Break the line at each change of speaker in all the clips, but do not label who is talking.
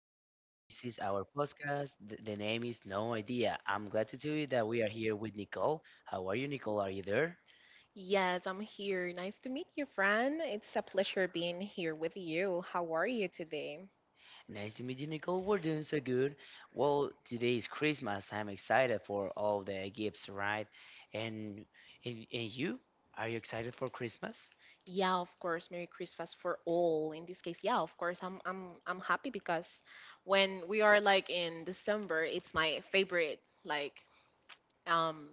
This is our podcast. The name is No Idea. I'm glad to tell you that we are here with Nicole. How are you, Nicole? Are you there?
Yes, I'm here. Nice to meet you, Fran. It's a pleasure being here with you. How are you today?
Nice to meet you, Nicole. We're doing so good. Well, today is Christmas. I'm excited for all the gifts, right? And and you? Are you excited for Christmas?
Yeah, of course. Merry Christmas for all. In this case, yeah, of course. I'm happy because when we are like in December, it's my favorite like um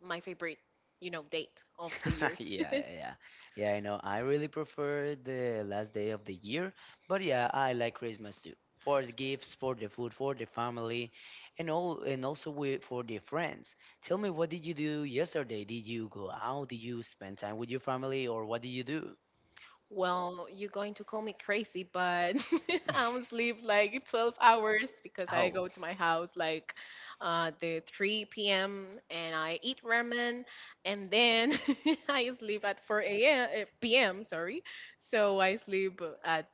my favorite, date of the year.
Yeah, yeah, yeah. Yeah, I know. I really prefer the last day of the year, but yeah, I like Christmas too. For the gifts, for the food, for the family, and all, and also with, for the friends. Tell me, what did you do yesterday? Did you go out? Did you spend time with your family, or what did you do?
Well, you're going to call me crazy, but I don't sleep like 12 hours because I
Oh.
go to my house like the 3 p.m. and I eat ramen and then I sleep at 4 a.m. P.m. Sorry, so I sleep at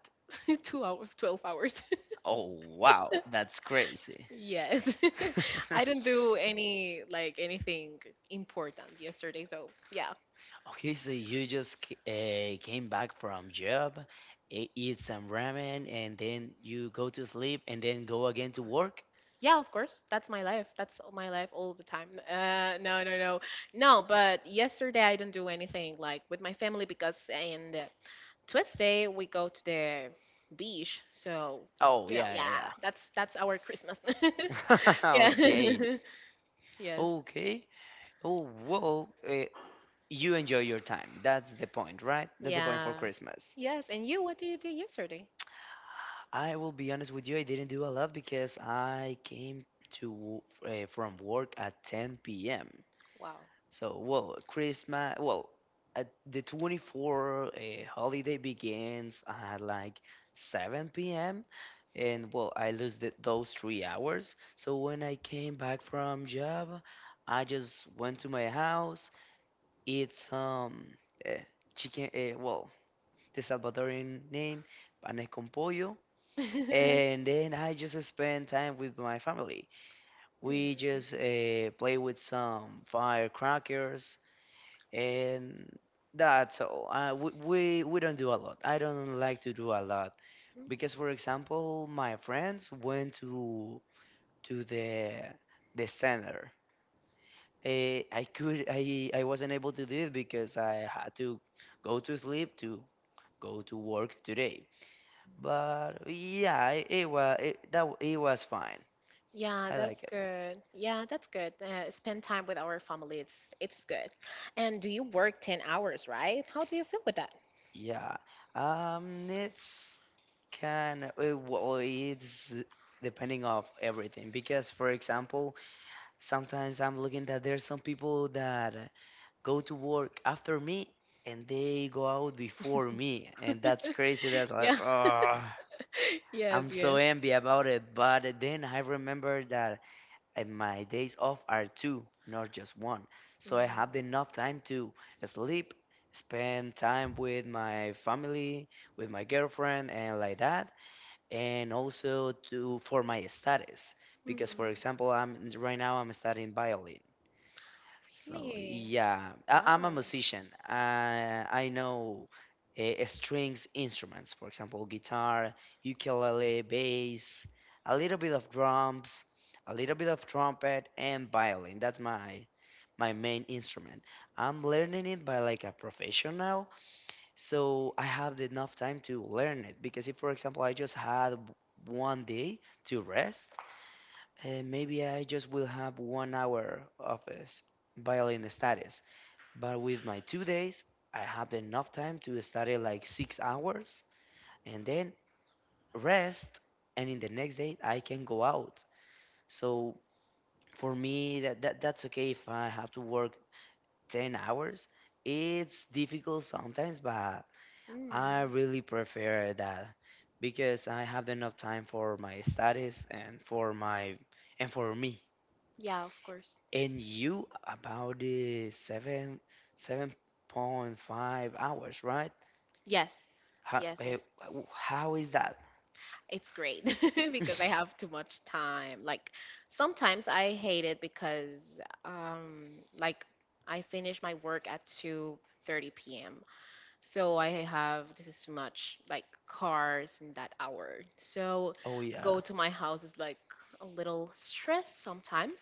2 hours, 12 hours.
Oh, wow, that's crazy.
Yes, I don't do any like anything important yesterday, so yeah.
Okay, so you just came back from job, eat some ramen, and then you go to sleep, and then go again to work?
Yeah, of course. That's my life. That's my life all the time. No, no, no, no. But yesterday I didn't do anything like with my family because and Tuesday we go to the beach. So
Oh,
yeah,
yeah, yeah,
that's our Christmas.
yeah.
Yeah.
Okay.
Yes.
Okay. Oh, well, you enjoy your time. That's the point, right? That's the point for
Yeah.
Christmas.
Yes. And you, what did you do yesterday?
I will be honest with you, I didn't do a lot because I came to from work at 10 p.m.
Wow.
So, well, Christmas, well, at the 24th holiday begins at like 7 p.m. And well, I lose those 3 hours. So when I came back from job, I just went to my house, eat some uh, chicken, well, the Salvadoran name, panes con pollo, and then I just spend time with my family. We just play with some firecrackers, and that's all. We don't do a lot. I don't like to do a lot
Hmm.
because, for example, my friends went to the center. I could I wasn't able to do it because I had to go to sleep to go to work today. But yeah, it was fine.
Yeah,
I
that's
like it.
good. Yeah, that's good. Spend time with our family. It's good. And do you work 10 hours, right? How do you feel with that?
Yeah. It's kind of well, it's depending of everything because, for example, sometimes I'm looking that there's some people that go to work after me and they go out before me, and that's crazy. That's
Yeah.
like, oh,
Yes,
I'm so
yes.
envy about it. But then I remember that, and my days off are two, not just one. So I
Mm.
have enough time to sleep, spend time with my family, with my girlfriend, and like that, and also to for my studies.
Mm,
Because for example, I'm right now I'm studying violin. So
really?
yeah, I'm a
Wow.
musician. I know strings instruments, for example, guitar, ukulele, bass, a little bit of drums, a little bit of trumpet, and violin. That's my main instrument. I'm learning it by like a professional, so I have enough time to learn it. Because if, for example, I just had one day to rest, maybe I just will have 1 hour of violin studies, but with my 2 days, I have enough time to study like 6 hours and then rest, and in the next day I can go out. So for me, that's okay if I have to work 10 hours. It's difficult sometimes, but
Mm.
I really prefer that because I have enough time for my studies and for me.
Yeah, of course.
And you about the seven point five hours, right?
Yes.
How
Yes,
eh,
yes.
how is that?
It's great because I have too much time. Like sometimes I hate it because um like I finish my work at 2:30 p.m. So I have this is too much like cars in that hour. So
Oh yeah.
go to my house is like a little stress sometimes,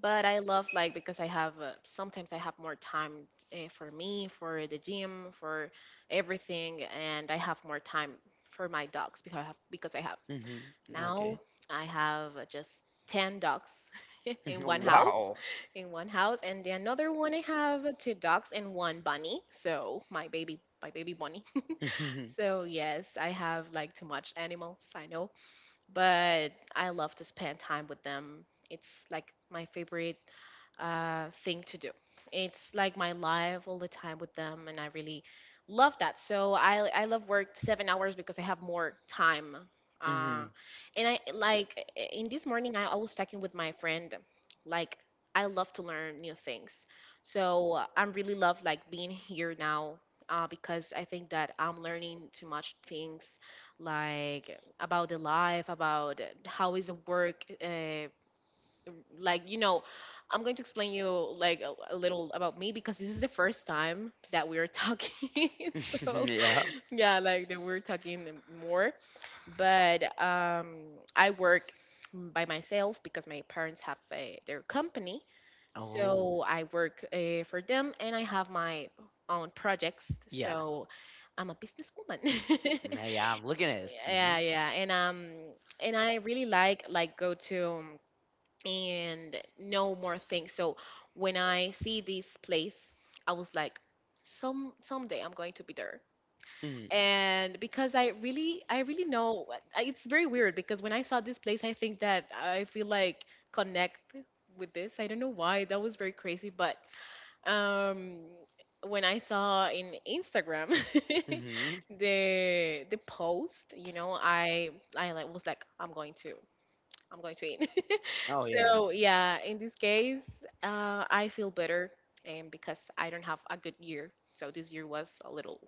but I love like because I have sometimes I have more time for me, for the gym, for everything, and I have more time for my dogs because I have
Hmm. Okay.
now I have just 10 dogs in one house,
Wow.
in one house, and the another one I have two dogs and one bunny. So my baby bunny.
Hmm.
So yes, I have like too much animals, I know, but I love to spend time with them. It's like my favorite thing to do. It's like my life all the time with them, and I really love that. So I love work 7 hours because I have more time. Uh, and I like in this morning I was talking with my friend, like I love to learn new things. So I'm really love like being here now. Because I think that I'm learning too much things, like about the life, about how is the work. Like I'm going to explain you like a little about me, because this is the first time that we are talking. So
Yeah.
yeah, like that we're talking more. But I work by myself because my parents have their company.
Oh.
So I work for them and I have my own projects.
Yeah.
So I'm a businesswoman.
Yeah, yeah, I'm looking at it.
Yeah, yeah, and I really like go to and know more things, so when I see this place I was like someday I'm going to be there.
Hmm.
And because I really know it's very weird, because when I saw this place I think that I feel like connect with this. I don't know why, that was very crazy, but um when I saw in Instagram
Hmm.
the post, I was like I'm going to eat.
Oh yeah.
So yeah, in this case, I feel better, and because I don't have a good year, so this year was a little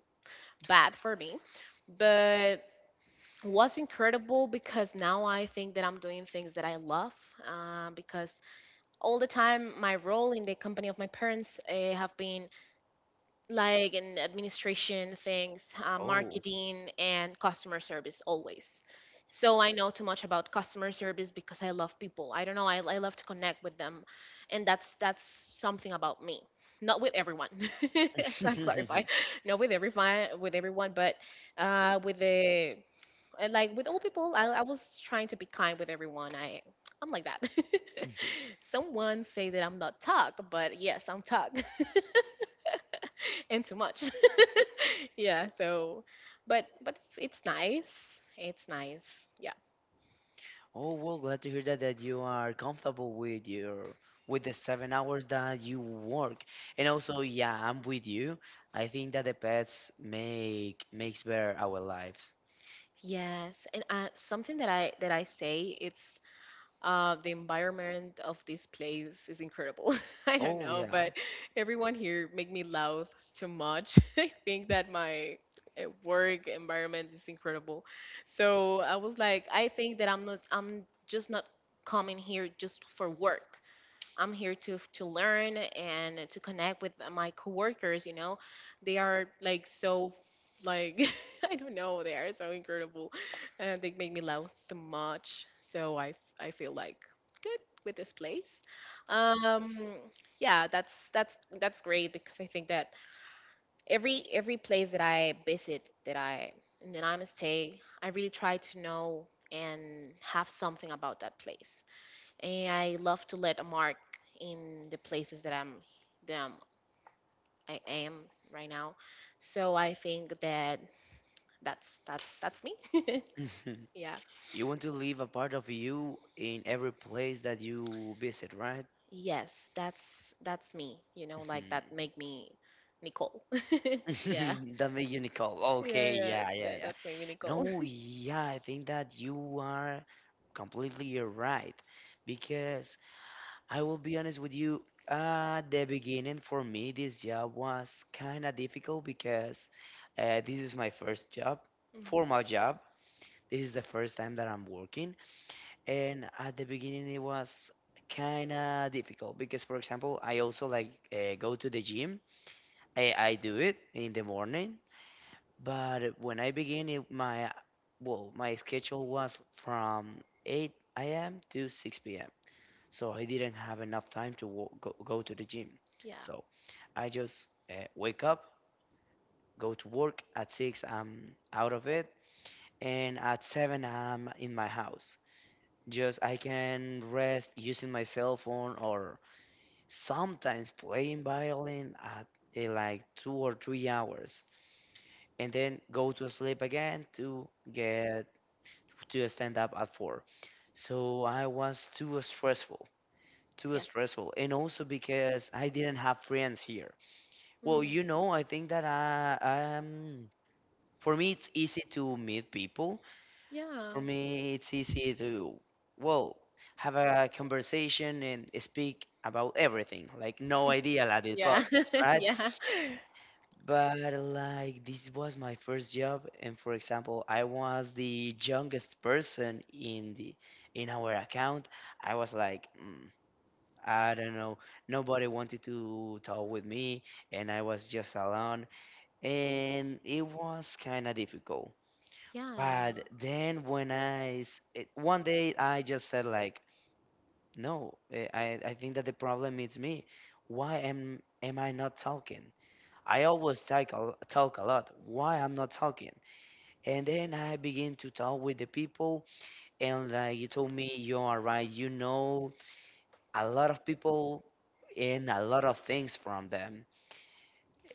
bad for me, but was incredible because now I think that I'm doing things that I love. Because all the time, my role in the company of my parents have been like in administration things,
Oh.
marketing, and customer service always. So I know too much about customer service because I love people. I don't know. I love to connect with them, and that's something about me. Not with everyone. I clarify. Not with everyone. With everyone, but with the I like with all people. I was trying to be kind with everyone. I'm like that. Someone say that I'm not talk, but yes, I'm talk. And too much. Yeah, so but it's nice. It's nice. Yeah.
Oh well, glad to hear that you are comfortable with your with the 7 hours that you work. And also, yeah, I'm with you. I think that the pets makes better our lives.
Yes, and something that I say, it's the environment of this place is incredible. I don't
Oh
know,
yeah.
but everyone here make me laugh too much. I think that my work environment is incredible. So I was like, I think that I'm just not coming here just for work. I'm here to learn and to connect with my coworkers. You know, they are like so like I don't know. They are so incredible, and they make me laugh so much. So I feel like good with this place. Um, yeah, that's great, because I think that every place that I visit, that I stay, I really try to know and have something about that place, and I love to let a mark in the places that I'm, I am right now. So I think that that's me. Yeah.
You want to leave a part of you in every place that you visit, right?
Yes, that's me. You know, like
Mhm.
that make me Nicole. Yeah.
That made you Nicole. Okay,
Yeah, yeah.
yeah, yeah,
That,
yeah.
that's make me Nicole.
No, yeah, I think that you are completely right because I will be honest with you. At the beginning, for me, this job was kind of difficult because this is my first job,
Mhm.
formal job. This is the first time that I'm working, and at the beginning, it was kind of difficult because, for example, I also like go to the gym. I do it in the morning, but when I begin it, my well, my schedule was from 8 a.m. to 6 p.m. So I didn't have enough time to go to the gym.
Yeah.
So I just wake up, go to work at 6, I'm out of it, and at 7 I'm in my house. Just I can rest using my cell phone or sometimes playing violin at like 2 or 3 hours. And then go to sleep again to stand up at 4. So I was too
Yes.
stressful, and also because I didn't have friends here. Well,
Mm.
I think that I for me it's easy to meet people.
Yeah.
For me, it's easy to well have a conversation and speak about everything, like no idea at the
Yeah.
podcast, right?
Yeah.
But like this was my first job, and for example, I was the youngest person in the in our account. I was like, I don't know, nobody wanted to talk with me, and I was just alone, and it was kind of difficult. But then when I s- it- one day I just said like, no, I think that the problem is me. Why am I not talking? I always talk a lot. Why I'm not talking? And then I begin to talk with the people, and like you told me, you are right. You know a lot of people and a lot of things from them,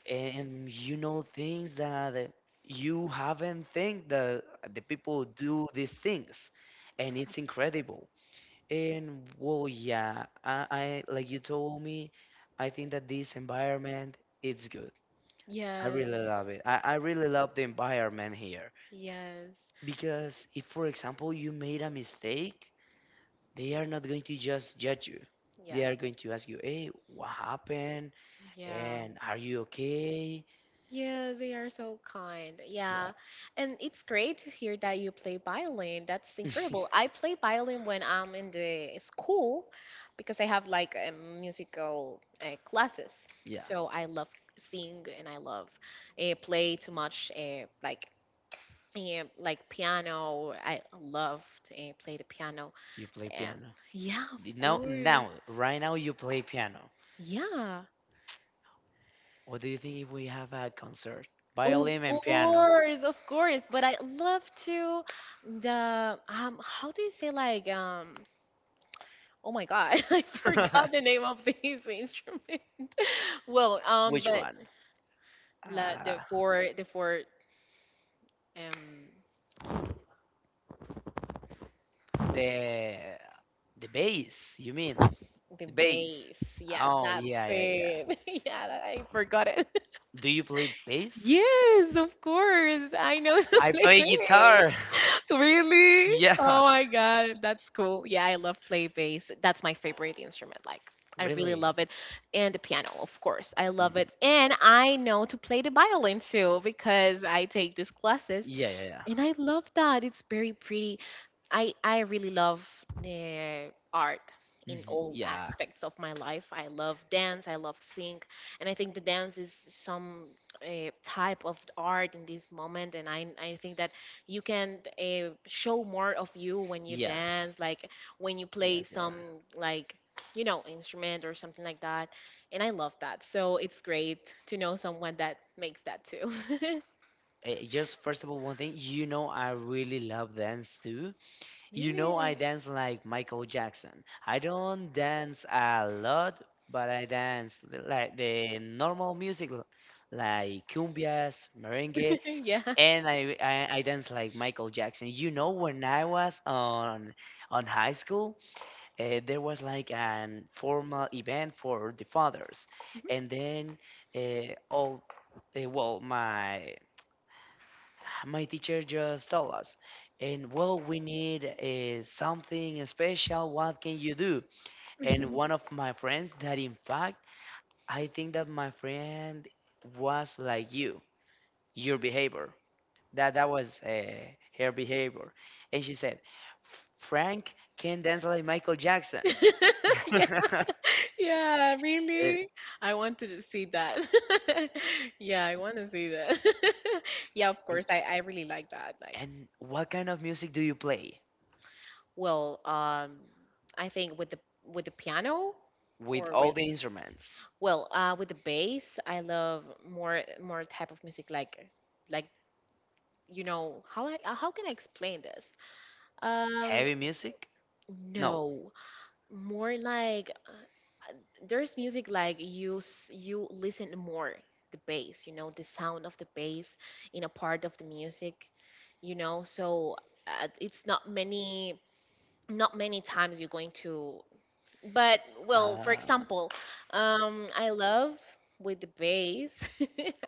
and you know things that you haven't think that the people do these things,
Yeah.
and it's incredible. And well, yeah, I like you told me. I think that this environment it's good. I
Yes.
really love it. I really love the environment here
Yes.
because if, for example, you made a mistake, they are not going to just judge you.
Yeah.
They are going to ask you, "Hey, what happened?
Yeah.
And are you okay?"
Yeah, they are so kind. Yeah. And it's great to hear that you play violin. That's
Yeah.
incredible. I play violin when I'm in the school because I have like musical classes.
Yeah.
So I love sing and I love play too much like yeah, like piano. I loved and play the piano.
You play
And
piano.
yeah, of
Did- Now,
course.
now, right now, you play piano.
Yeah.
What do you think if we have a concert?
Of
Violin and piano.
course, of course. But I love to the how do you say like oh my God, I forgot the name of this instrument. Well,
Which
but
one?
la, the
Uh,
four the four um
the the bass, you mean?
the
The bass.
bass. Yeah,
Oh
that's
yeah, yeah, yeah.
it. Yeah, I forgot it.
Do you play bass?
Yes, of course. I know the
I play
place.
guitar.
Really?
Yeah,
Oh my God, that's cool. Yeah, I love play bass. That's my favorite instrument. Like, I really
really.
love it. And the piano, of course. I love
Mm,
it. And I know to play the violin too, because I take these classes
yeah, yeah, yeah.
and I love that. It's very pretty. I really love the art in
Mhm,
all
yeah,
aspects of my life. I love dance, I love sing, and I think the dance is some type of art in this moment, and I think that you can show more of you when you
yes.
dance, like when you play
Yes, yeah. Right.
some like instrument or something like that, and I love that, so it's great to know someone that makes that too.
Just first of all, one thing, you know, I really love dance too. You know, I
Really?
dance like Michael Jackson. I don't dance a lot, but I dance like the normal music, like cumbias, merengue,
Yeah.
and I dance like Michael Jackson. You know, when I was on high school, there was like an formal event for the fathers, and then all. Well, my teacher just told us, and well, we need something special. What can you do? And one of my friends, that in fact, I think that my friend was like you, your behavior. That was her behavior, and she said, "Frank can dance like Michael Jackson."
Yeah. Yeah,
And
really? I wanted to see that. Yeah, I want to see that. Yeah, of course. I really like that. Like,
And what kind of music do you play
well, I think with the piano,
with
or
all
with
the instruments?
well, with the bass, I love more type of music like how I how can I explain this? Um,
Heavy music? No.
no, more like there's music like you listen more the bass, the sound of the bass in a part of the music, so it's not many times you're going to, but well, for
Ah.
example, I love with the bass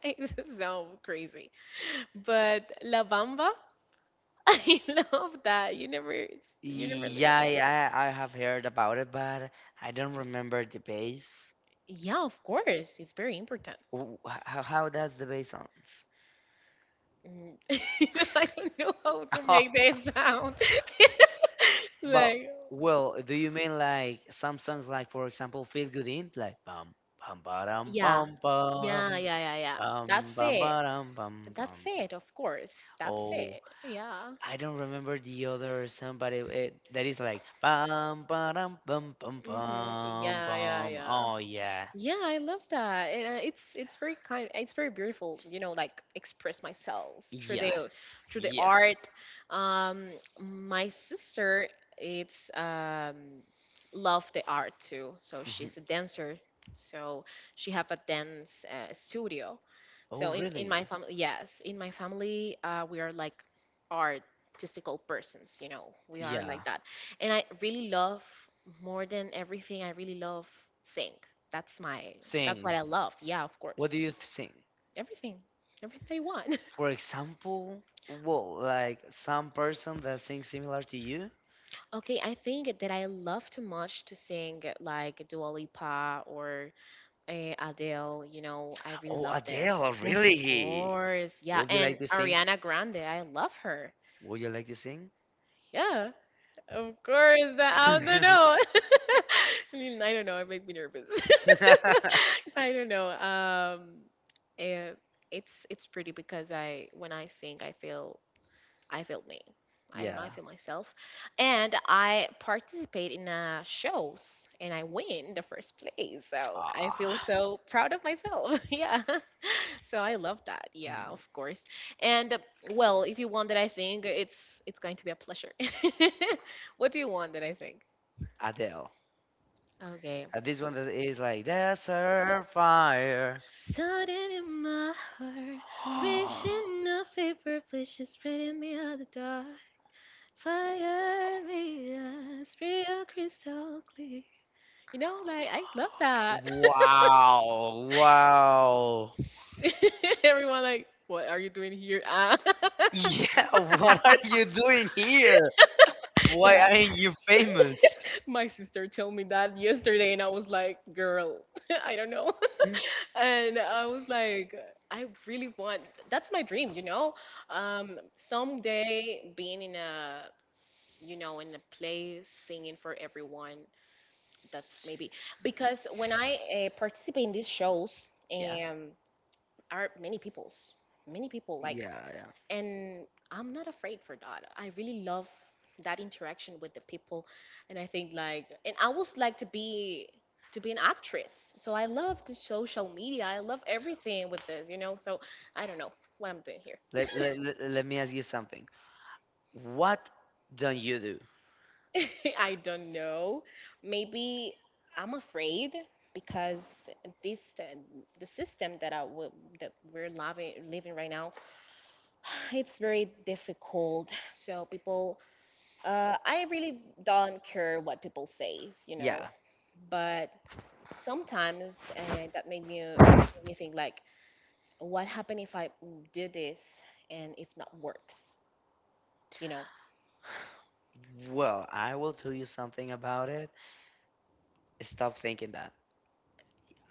it's so crazy, but la bamba. I love that. You never listen
Yeah,
to
I,
that.
I I have heard about it, but I don't remember the bass.
Yeah, of course, it's very important.
How does the bass sounds?
Mm. You know, I don't know how to make that sound.
But
Like,
well, do you mean like some songs like for example Feel Good In, like bum bum bum
yeah,
bum
yeah,
bum
yeah, yeah, yeah.
bum ba
That's
bum
it.
ba-dum bum bum.
That's it, of course. That's
Oh,
it. Yeah.
I don't remember the other song, but it that is like bum bum bum bum
Hmm.
bum
Yeah, yeah,
bum.
yeah.
Oh yeah.
Yeah, I love that. And it's very kind, it's very beautiful, like express myself through the yes.
Yes.
Through the
Yes.
art. Um, my sister, it's love the art too. So
Mhm.
she's a dancer. So she have a dance studio.
Oh,
So in
really?
my family, yes, in my family, we are like artistical persons, We are like
Yeah.
that. And I really love more than everything. I really love sing. That's my. That's
Sing.
what I love. Yeah, of
What do
course.
you sing?
Everything. Everything they want.
For example, well, like some person that sings similar to you?
Okay, I think that I love too much to sing like Dua Lipa or Adele. You know, I really
Oh,
love their.
Adele,
Of
really?
course, yeah,
Would you like
and
to sing?
Ariana Grande. I love her.
Would you like to sing?
Yeah, of course, that I don't know. I mean, I don't know. It makes me nervous. I don't know. Eh, it's pretty because I when I sing, I feel me. I don't know. I
Yeah.
feel myself, and I participate in shows, and I win the first place. So I feel
Ah.
so proud of myself. Yeah. So I love that. Yeah,
Mhm.
of course. And well, if you want that I sing, it's going to be a pleasure. What do you want that I sing?
Adele.
Okay.
This one that is like Desert Fire.
Sudden in my heart, reaching a vapor flesh is spreading me out the dark. Fire me eyes, real crystal clear. You know, like I love that.
Wow, wow.
Everyone like, what are you doing here? Ah.
Yeah, what are you doing here? Why
Yeah.
aren't you famous?
My sister told me that yesterday, and I was like, girl, I don't know.
Mm,
And I was like, I really want, that's my dream, you know? Someday being in a, in a place singing for everyone, that's maybe because when I participate in these shows,
yeah,
are many people's, many people, like
yeah, yeah.
and I'm not afraid for that. I really love that interaction with the people, and I think like, and I was like to be an actress. So I love the social media. I love everything with this, you know. So I don't know what I'm doing here.
Let me ask you something. What don't you do?
I don't know. Maybe I'm afraid because this the system that I would that we're living right now, it's very difficult. So people. I really don't care what people say, you
Yeah,
know, but sometimes that made me think like, what happen if I do this and if not works, you know?
well, I will tell you something about it. Stop thinking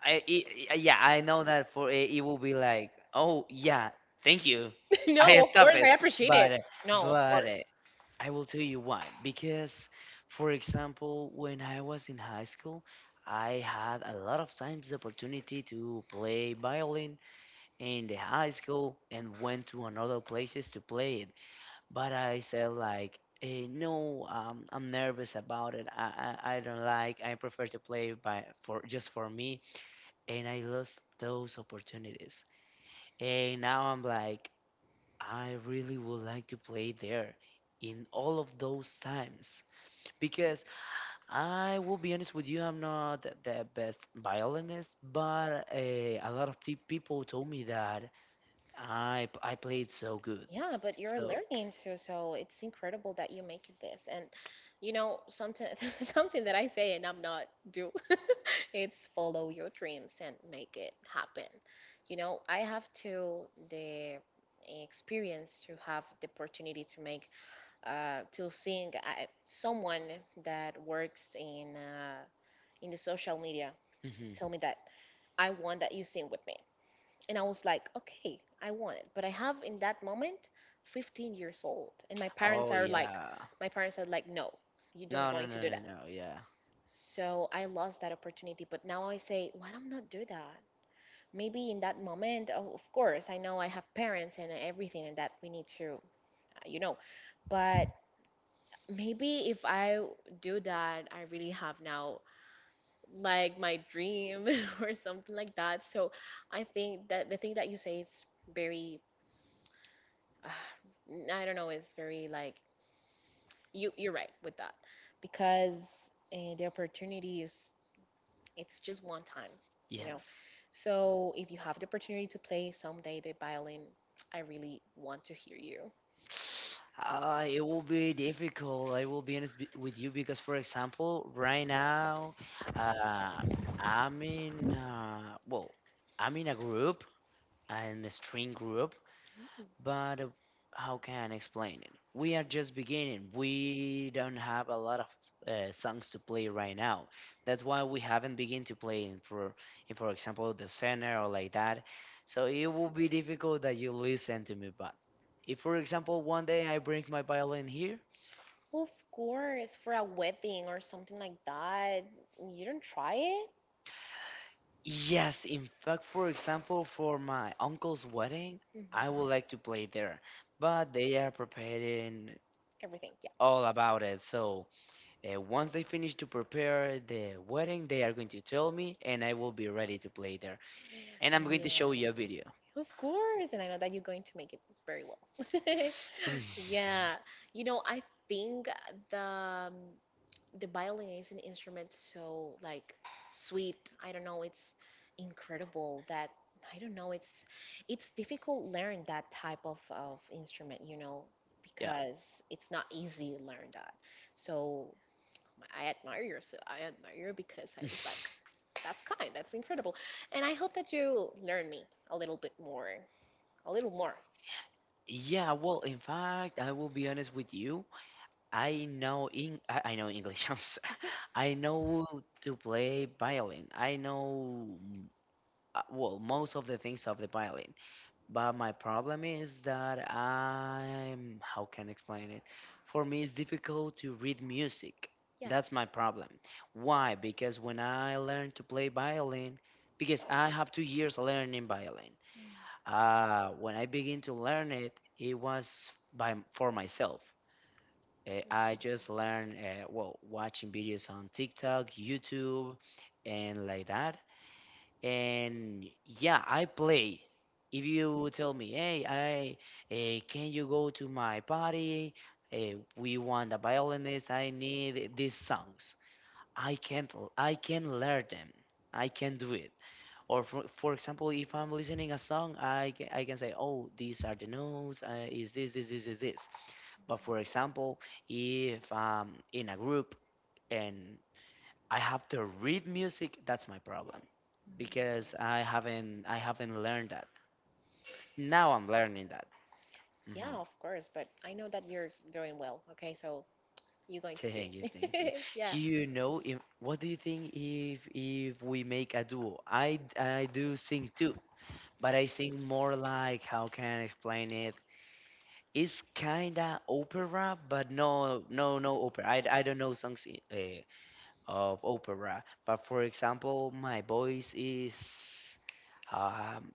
yeah, I know that for it, it will be like, oh yeah, thank you, I
No, of
stop
course
it.
I appreciate it.
But uh,
No, of
but
course.
uh, I will tell you why. Because, for example, when I was in high school, I had a lot of times the opportunity to play violin in the high school and went to another places to play it. But I said like, no, I'm nervous about it. I don't like. I prefer to play by for just for me and I lost those opportunities. And now I'm like, I really would like to play there in all of those times because I will be honest with you, I'm not the best violinist, but a lot of people told me that I played so good.
Yeah, but you're
So,
learning, so it's incredible that you make it this. And you know, something something that I say and I'm not do it's follow your dreams and make it happen. You know, I have to the experience to have the opportunity to make to seeing someone that works in the social media
mhm.
tell me that I want that you sing with me, and I was like, okay, I want it. But I have in that moment 15 years old. And my parents
Oh
are like,
yeah,
my parents are like, no, you don't
no, no,
going to
no,
do
no,
that.
no, yeah,
So I lost that opportunity. But now I say, why don't not do that? Maybe in that moment, oh, of course, I know I have parents and everything and that we need to, you know, but maybe if I do that, I really have now like my dream or something like that. So I think that the thing that you say is very, I don't know, it's very like you're right with that because the opportunity is it's just one time, you know.
yes.
So if you have the opportunity to play someday the violin, I really want to hear you.
It will be difficult. I will be honest with you because, for example, right now, uh, I'm in well, I'm in a group, an string group, but how can I explain it? We are just beginning. We don't have a lot of songs to play right now. That's why we haven't begun to play in for example, the center or like that. So it will be difficult that you listen to me. But if, for example, one day I bring my violin here,
Of course, for a wedding or something like that, you don't try it.
yes, in fact, for example, for my uncle's wedding, I
Mhm.
would like to play there. But they are preparing
Everything, yeah.
all about it. So once they finish to prepare the wedding, they are going to tell me, and I will be ready to play there. And I'm going
Yeah.
to show you a video.
Of course, and I know that you're going to make it very well. Yeah, you know, I think the the violin is an instrument so like sweet. I don't know, it's incredible that I don't know, it's difficult learn that type of instrument, you know,
Yeah.
because it's not easy to learn that. So I admire you because I was like that's kind that's incredible, and I hope that you learn me a little bit more a little more,
Yeah, well, in fact, I will be honest with you. I know in I know English. I know to play violin. I know well, most of the things of the violin. But my problem is that I'm, how can I explain it? For me, it's difficult to read music.
yeah.
That's my problem. Why? Because when I learned to play violin, because I have 2 years learning violin. When I begin to learn it, it was by for myself. I just learned, well, watching videos on TikTok, YouTube, and like that. And yeah, I play. If you tell me, hey, I can you go to my party? We want a violinist. I need these songs. I can't. I can learn them. I can do it. Or for example, if I'm listening a song, I can say, oh, these are the notes. Is this this this is this? But for example, if I'm in a group and I have to read music. That's my problem
Mm, yeah,
because I haven't learned that. Now I'm learning that.
yeah,
Hmm.
of course, but I know that you're doing well. Okay, so you're going to see.
Thank you, thank you.
Yeah.
You know, if, what do you think if we make a duo? I do sing too, but I sing more like how can I explain it? It's kinda opera, but no, no, no opera. I don't know songs uh, of opera, but for example, my voice is. Um,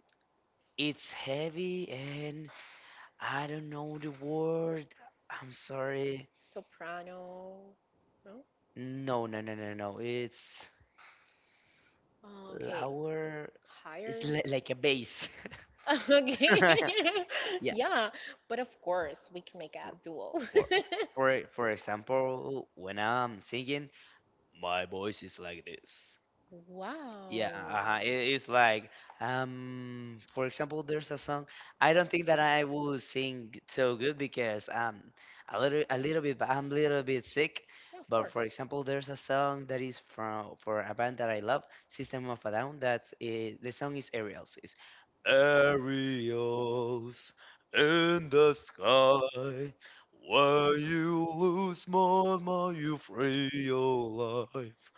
It's heavy and I don't know the word. I'm sorry.
Soprano. No?
No, no, no, no, no. It's
Oh, okay.
lower. It's
Higher.
like a bass.
Okay.
Yeah,
Yeah. But of course, we can make a
for
duel.
for for example, when I'm singing, my voice is like this. Yeah,
Wow.
uh-huh. It's like, for example, there's a song. I don't think that I will sing so good because a little bit, but I'm a little bit sick.
Yeah, of
But
course.
for example, there's a song that is from for a band that I love, System of a Down. That's it, the song is Aerials. It's Aerials in the sky, where you lose more, more you free your life.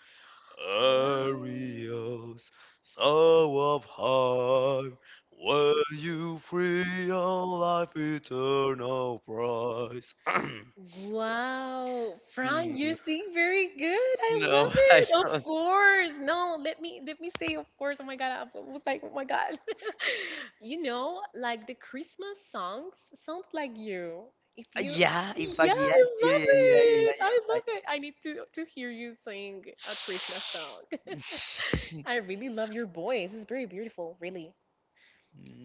Wow.
Arios, soul of heart, will you free on life eternal prize?
Wow, Fran, you sing very good. I
No,
love
I
it. Of
don't.
course. No, let me say of course. Oh my god, I was like, oh my god. You know, like the Christmas songs sounds like you. If you.
Yeah, in
Yeah,
fact,
I
yes, yeah, yeah,
love
yeah, yeah, yeah,
it.
you're
I love
right.
it. I need to hear you sing a Christmas song. I really love your voice. It's very beautiful, really.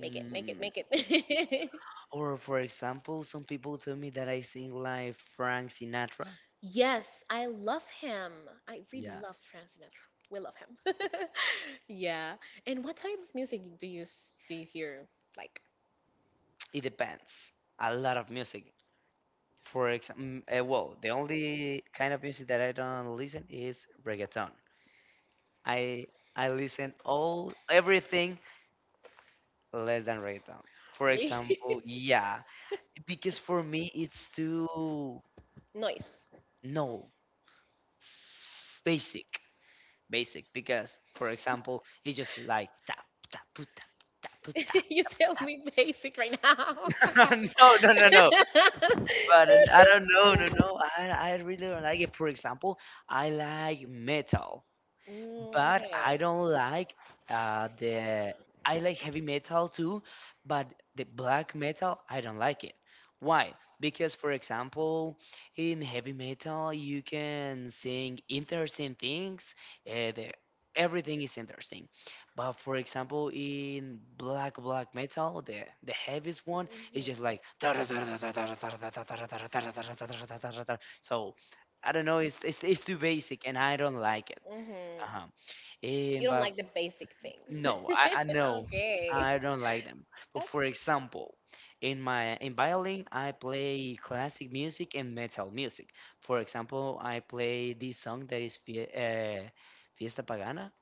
Make it, make it, make it.
Or, for example, some people tell me that I sing like Frank Sinatra.
Yes, I love him. I really
Yeah,
love Frank Sinatra. We love him. Yeah. And what type of music do do you hear? Like,
it depends. A lot of music. For example, well, the only kind of music that I don't listen is reggaeton. I I listen all everything less than reggaeton. For
really?
example, yeah, because for me it's too
Noise.
no s- basic, basic. Because for example, it's just like tap tap poo, tap tap poo, tap.
You tell me basic right now.
No, no, no, no. But I don't know, no, no. I really don't like it. For example, I like metal,
Mm,
but
okay.
I don't like the. I like heavy metal too, but the black metal I don't like it. Why? Because for example, in heavy metal you can sing interesting things. The, everything is interesting, but for example, in black metal, the heaviest one is just like so. I don't know. It's it's too basic, and I don't like it.
Mm-hmm.
Uh-huh.
You
And
don't
but
like the basic things.
no, I know
Okay.
I don't like them. But
That's.
for example, in my in violin, I play classic music and metal music. For example, I play this song that is Fiesta Pagana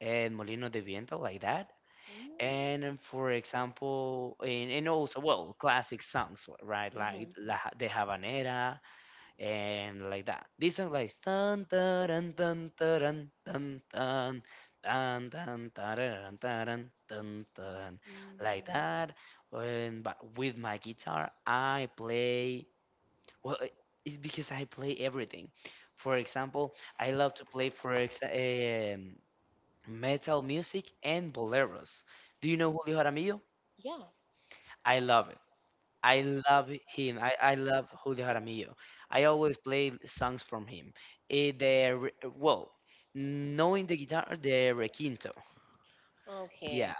and Molino de Viento, like that.
Mm.
And for example, and also well, classic songs, right? Like
Mhm.
La, Ja, De Habanera and like that. This song like dun dun dun dun dun dun dun dun dun dun dun dun dun dun like that. And but with my guitar, I play. Well, it's because I play everything. For example, I love to play for ex metal music and boleros. Do you know Julio Jaramillo?
Yeah.
I love it. I love him. I love Julio Jaramillo. I always play songs from him. Well, knowing the guitar, the requinto. Yeah,
Okay.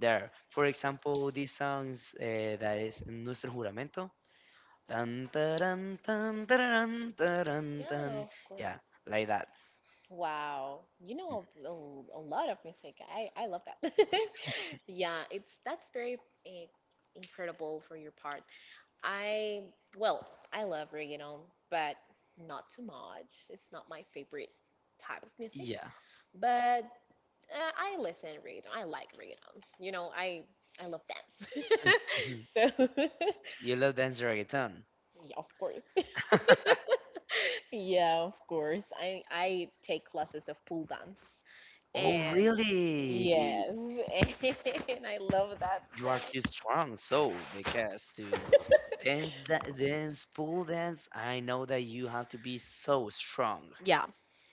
there. For example, these songs that is Nuestro Juramento. Tan, taran, tan, tararan, taran,
Yeah,
tan.
of
Yeah,
course.
like that.
Wow. You
Mm.
know a lot of music. I love that. Yeah, it's that's very eh, incredible for your part. I well, I love reggaeton, but not too much. It's not my favorite type of music,
Yeah.
but I listen read. I like rhythm. You know, I love dance. So
You love dance reggaeton.
yeah, of course. Yeah, of course. I take classes of pool dance.
Oh,
And
really?
yes, and I love that
You are
stuff.
too strong so because to dance dance pool dance, I know that you have to be so strong.
Yeah.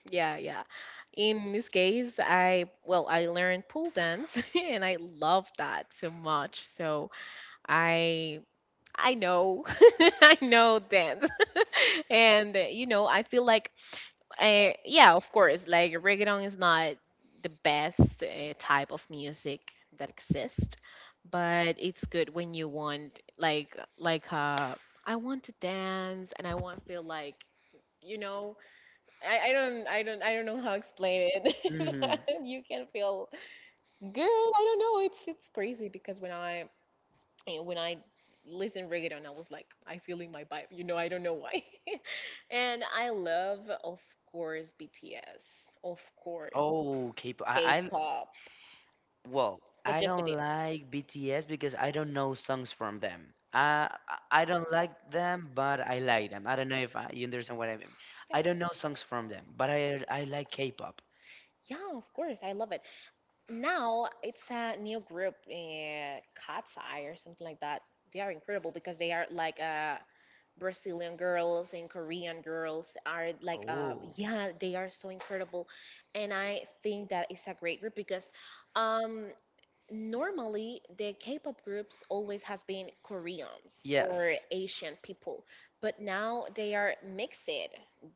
Yeah, yeah. In this case, I well, I learned pool dance and I love that so much. So I I know, I know that, and you know, I feel like, yeah, of course, like reggaeton is not the best type of music that exists, but it's good when you want, like, I want to dance and I want to feel like, you know, I don't know how to explain it,
Hmm.
but you can feel good. I don't know, it's crazy because when I listened reggaeton, I was like, I feeling my vibe. You know, I don't know why. And I love, of course, BTS, of course,
Oh, k-pop. I'm
K-pop,
well
but
I
just
don't
BTS.
like BTS because I don't know songs from them. I don't like them but I like them. I don't know if you understand what I mean.
Yeah.
I don't know songs from them but I like k-pop.
Yeah, of course, I love it. Now it's a new group, Cat's Eye or something like that. They are incredible because they are like a Brazilian girls and Korean girls are like,
Oh.
yeah, they are so incredible, and I think that it's a great group because, um, normally the K-pop groups always has been Koreans or. Yes.
Yes.
Asian people, but now they are mixed,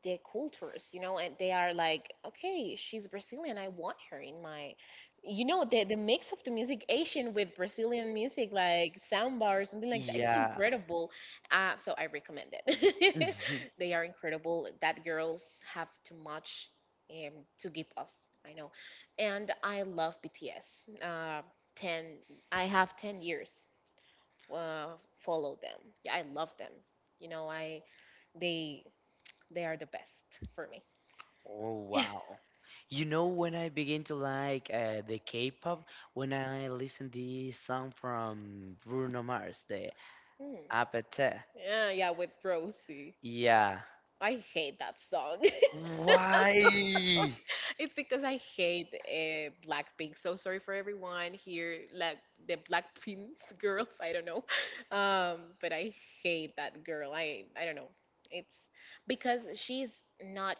the cultures, you know, and they are like, okay, she's Brazilian, I want her in my, you know, the mix of the music Asian with Brazilian music like samba or something like that, it's. Yeah.
Yeah.
Incredible. So I recommend it.
Mhm.
They are incredible. That girls have too much to give us. I know and I love BTS. Um, 10, I have 10 years uh, follow them, yeah, I love them, you know, I they they are the best for me.
Oh wow. You know when I begin to like the K-pop when I listen this song from Bruno Mars, the
Hmm.
Apete.
Yeah, yeah, with Rosie,
Yeah.
I hate that song.
Why?
It's because I hate Blackpink, so sorry for everyone here like the Blackpink girls, I don't know. But I hate that girl, I don't know, it's because not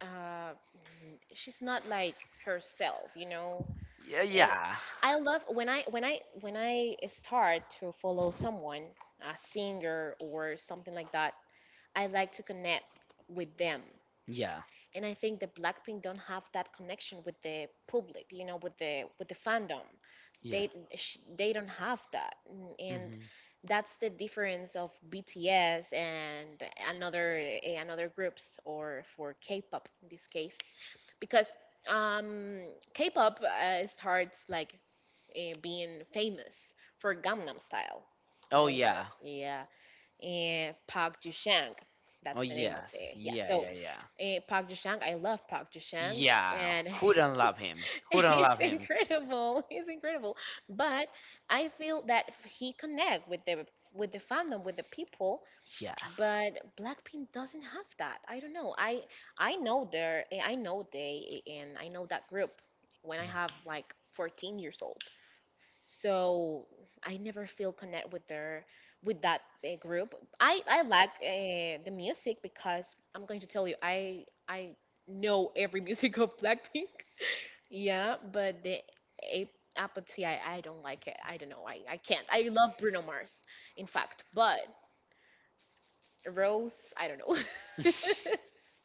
uh, she's not like herself, you know.
Yeah,
And
yeah.
I love when I start to follow someone, a singer or something like that. I like to connect with them,
Yeah,
and I think that Blackpink don't have that connection with the public, you know, with the fandom.
yeah.
They they don't have that. Mm. And
Mm-hmm.
that's the difference of BTS and another groups or for K-pop in this case because um, K-pop starts like being famous for Gangnam Style, you
Oh
know.
yeah.
Oh, yeah. And Park ju Shang,
Oh
that's the name of the.
yes.
Yeah.
Yeah,
So
yeah, yeah.
uh, Park ju Shang, I love Park ju Shang,
Yeah.
and
Who don't love him? Who don't
it's
love him?
incredible. It's incredible. But I feel that he connect with the fandom, with the people.
Yeah.
But Blackpink doesn't have that. I don't know. I know their, I know they, and I know that group when I
Mhm.
have like 14 years old. So I never feel connect with their with that group. I like the music because I'm going to tell you I know every music of Blackpink. Yeah, but the a- apple tea, I don't like it. I don't know. I can't. I love Bruno Mars, in fact, but Rose, I don't know.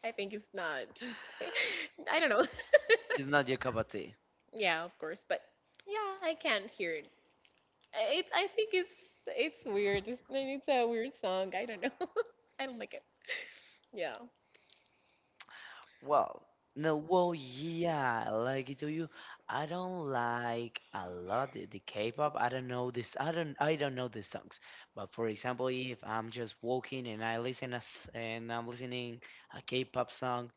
I think it's not. I don't know.
It's not your cup of tea.
Yeah, of course, but yeah, I can not hear it. I think it's weird. It's a weird song. I don't know. I don't like it. Yeah.
Well, no, well, yeah, like I tell you, I don't like a lot the K-pop. I don't know this. I don't. I don't know the songs. But for example, if I'm just walking and I listen as and I'm listening a K-pop song,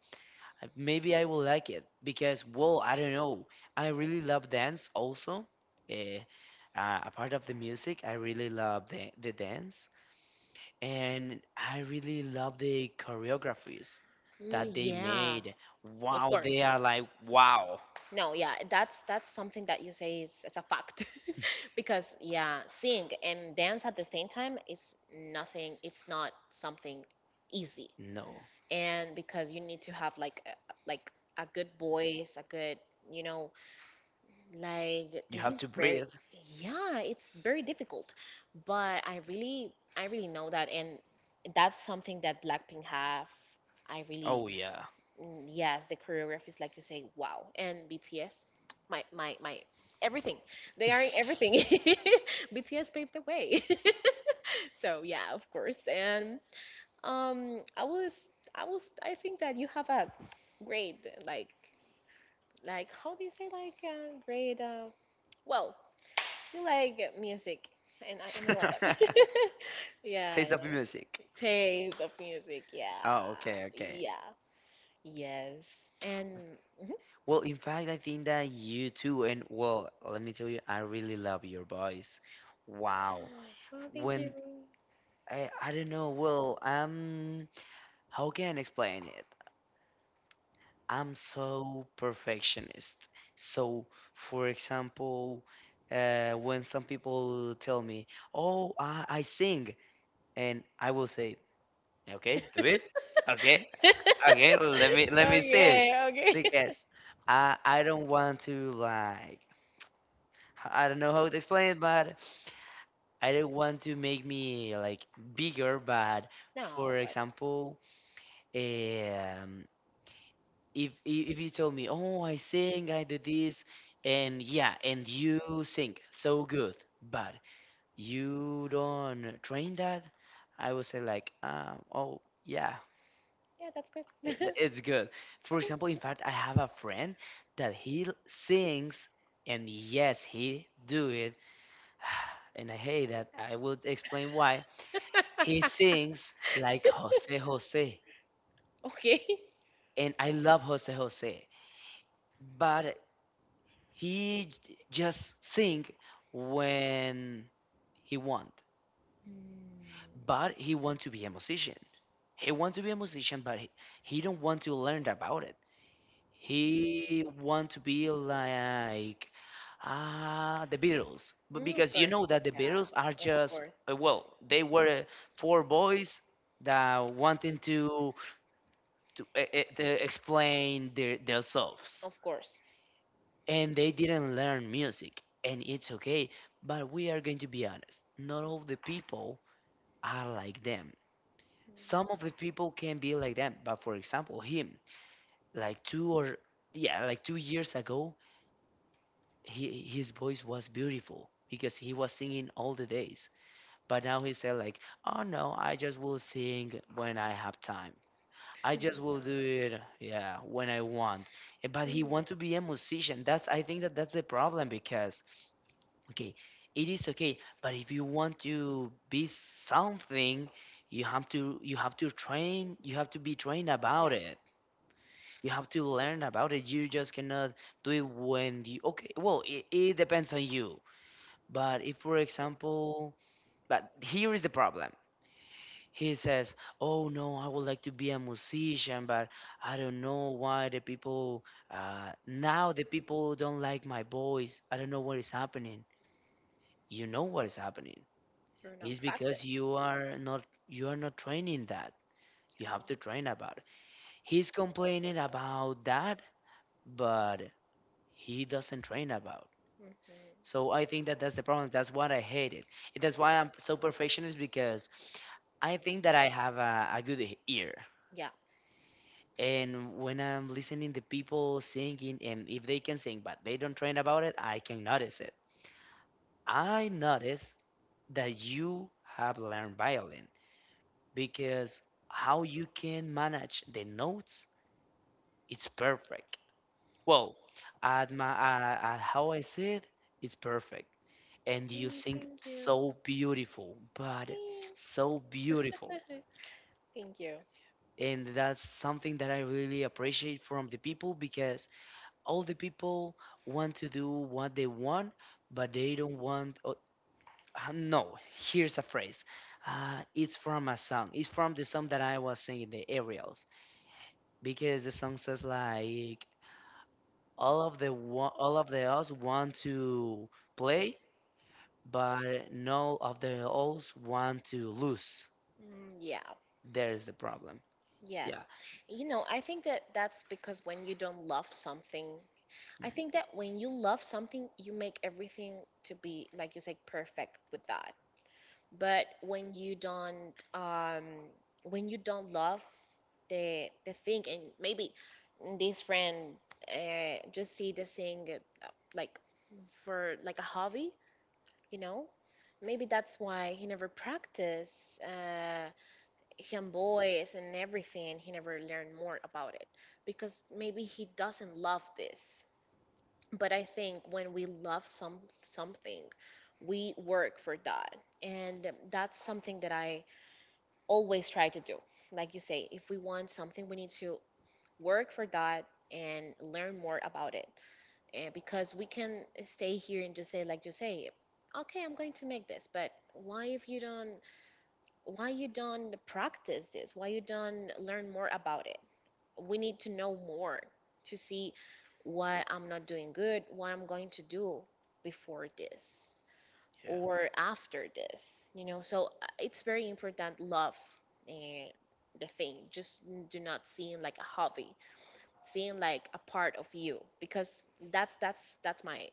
I- maybe I will like it because, well, I don't know. I really love dance also. Uh, a part of the music, I really love the dance and I really love the choreographies
Mm,
that they
yeah.
made.
Of
Wow,
course.
they are like, wow.
No, yeah, that's something that you say is a fact, because yeah, sing and dance at the same time is nothing. It's not something easy,
No,
and because you need to have like a good voice, a good, you know, like
you
this
have
is
to
very,
breathe.
yeah, it's very difficult. But I really know that, and that's something that Blackpink have. I
Oh,
really
yeah.
Yes, the choreography is like you say, wow. And BTS, my everything. They are in everything. BTS paved the way. So yeah, of course. And I was I was I think that you have a great, like how do you say, like great, well, you like music, and I love that. Yeah, I
Taste of
know.
music.
Taste of music. Yeah.
Oh, okay, okay.
Yeah. Yes. And mhm.
Well, in fact, I think that you too, and well, let me tell you, I really love your voice. Wow.
Oh, thank you.
When I don't know, well, how can I explain it? I'm so perfectionist. So, for example, when some people tell me, "Oh, I sing," and I will say, "Okay, do it. Okay, okay,
Okay,
let me see it,"
okay.
because I don't want to like I don't know how to explain it, but I don't want to make me like bigger. But
No,
for
but
example, um, if you told me, oh, I sing, I do this, and yeah, and you sing so good, but you don't train that, I would say like, oh yeah,
yeah, that's good.
it's good. For
Okay.
example, in fact, I have a friend that he sings, and yes, he do it and I hate that. I will explain why. He sings like Jose Jose,
Okay.
and I love Jose Jose, but he just sing when he want.
Mm,
But he want to be a musician. He want to be a musician, but he don't want to learn about it. He want to be like ah the Beatles, but
mm, of
because you
course.
know that the
Yeah,
Beatles are
of
just
course.
well, they were 4 boys that wanting to explain their themselves,
Of course.
and they didn't learn music, and it's okay. But we are going to be honest, not all the people are like them. Some of the people can be like them, but for example, him, like two or yeah, like 2 years ago he his voice was beautiful because he was singing all the days. But now he said like, "Oh no, I just will sing when I have time. I just
Mm. Yeah.
will do it, yeah, when I want." But he
Mm,
want to be a musician. That's I think that that's the problem because okay, it is okay, but if you want to be something, you have to train, you have to be trained
yeah,
about it. You have to learn about it. You just cannot do it when you okay. Well, it depends on you, but if, for example, but here is the problem. He says, "Oh no, I would like to be a musician, but I don't know why the people now the people don't like my voice. I don't know what is happening. You know what is happening.
you're not
It's because
practiced.
you are not training that. You have to
Yeah.
train about it. He's complaining about that, but he doesn't train about.
Hmm.
So I think that that's the problem. That's what I hated. And that's why I'm so perfectionist because I think that I have a good ear.
Yeah.
And when I'm listening to people singing, and if they can sing but they don't train about it, I can notice it. I notice that you have learned violin because how you can manage the notes, it's perfect. Well, at my at how I see it, it's perfect. And you sing
Thank you.
so beautiful, but
Thanks.
so beautiful.
Thank you.
And that's something that I really appreciate from the people because all the people want to do what they want, but they don't want. Oh, no, Here's a phrase. It's from a song. It's from the song that I was singing, the Aerials, because the song says like all of the us want to play, but none of the alls want to lose.
Yeah.
There is the problem.
Yes.
Yeah.
I think that that's because when you don't love something,
Yeah.
I think that when you love something, you make everything to be, like you said, perfect with that. But when you don't love the thing, and maybe this friend just see the thing uh, like for like a hobby, you know, maybe that's why he never practice, him boys and everything. He never learned more about it because maybe he doesn't love this. But I think when we love something, we work for that, and that's something that I always try to do. Like you say, if we want something, we need to work for that and learn more about it. And because we can stay here and just say, like you say, okay, I'm going to make this, but why if you don't, why you don't practice this, why you don't learn more about it? We need to know more, to see what I'm not doing good, what I'm going to do before this or after this, so it's very important love, eh, the thing, just do not see it like a hobby, seeing like a part of you, because that's my,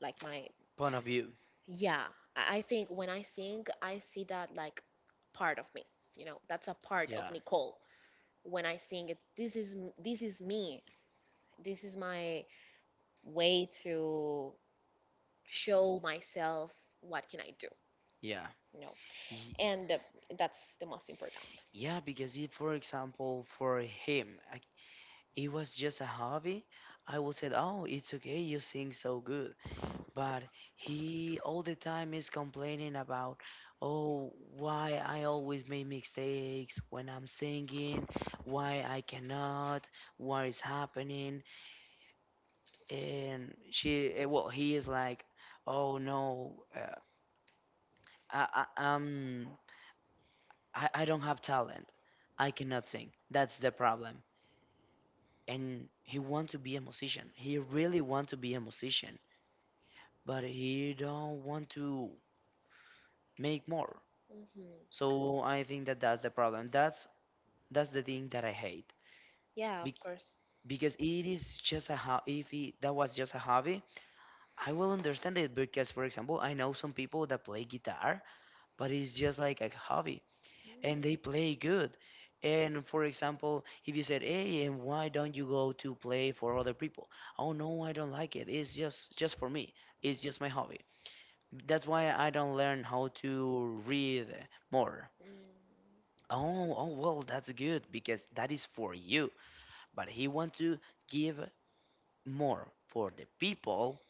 like my,
Point of view.
yeah, I think when I sing, I see that like part of me. You know, that's a part of
Yeah.
Nicole. When I sing it, this is this is me. This is my way to show myself what can I do.
Yeah.
You know,
Y-
and that's the most important.
Yeah, because if, for example, for him, like, it was just a hobby, I would say, oh, it's okay, you sing so good. But he all the time is complaining about, oh, why I always make mistakes when I'm singing, why I cannot, what is happening. And she, he is like, oh no, I, I um I don't have talent, I cannot sing. That's the problem. And he want to be a musician, he really want to be a musician, but he don't want to make more.
Hmm.
So I think that that's the problem. That's the thing that I hate.
Yeah, of
Bec-
course.
because it is just a if it, that was just a hobby, I will understand it because, for example, I know some people that play guitar, but it's just like a hobby
Mm,
and they play good. And for example, if you said, "Hey, and why don't you go to play for other people?" Oh no, I don't like it. It's just for me. It's just my hobby. That's why I don't learn how to read more.
mm.
Oh, oh, well, that's good because that is for you. But he want to give more for the people.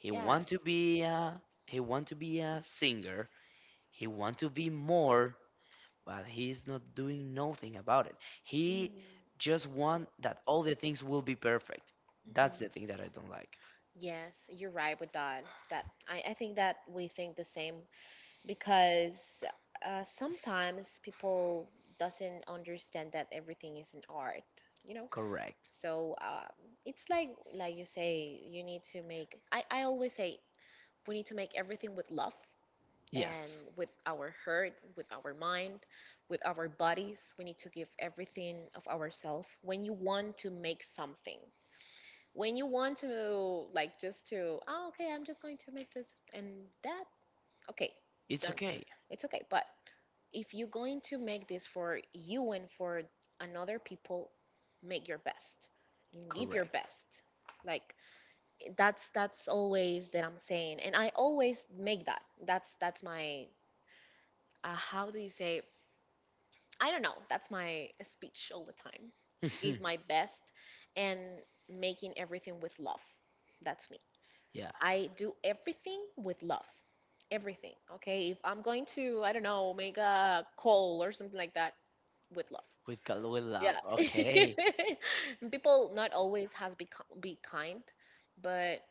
He
Yes.
want to be a, he want to be a singer. He want to be more, but he is not doing nothing about it. He
Mm-hmm.
just want that all the things will be perfect. That's the thing that I don't like.
Yes, you're right with that. That I think that we think the same, because sometimes people doesn't understand that everything is an art, you know
Correct.
so it's like you say, you need to make, I always say, we need to make everything with love and,
Yes,
yes, with our heart, with our mind, with our bodies. We need to give everything of ourselves when you want to make something, when you want to like just to, oh, okay, I'm just going to make this and that, okay,
it's
done, okay.
okay.
It's okay. But if you're going to make this for you and for another people, make your best and give your
Correct.
best. Like, that's always that I'm saying, and I always make that. That's my, how do you say, I don't know, that's my speech all the time. Give my best and making everything with love. That's me.
Yeah,
I do everything with love. Everything. Okay, if I'm going to, I don't know, make a call or something like that, with love.
with with
Yeah.
love. Okay.
And people not always has be kind, but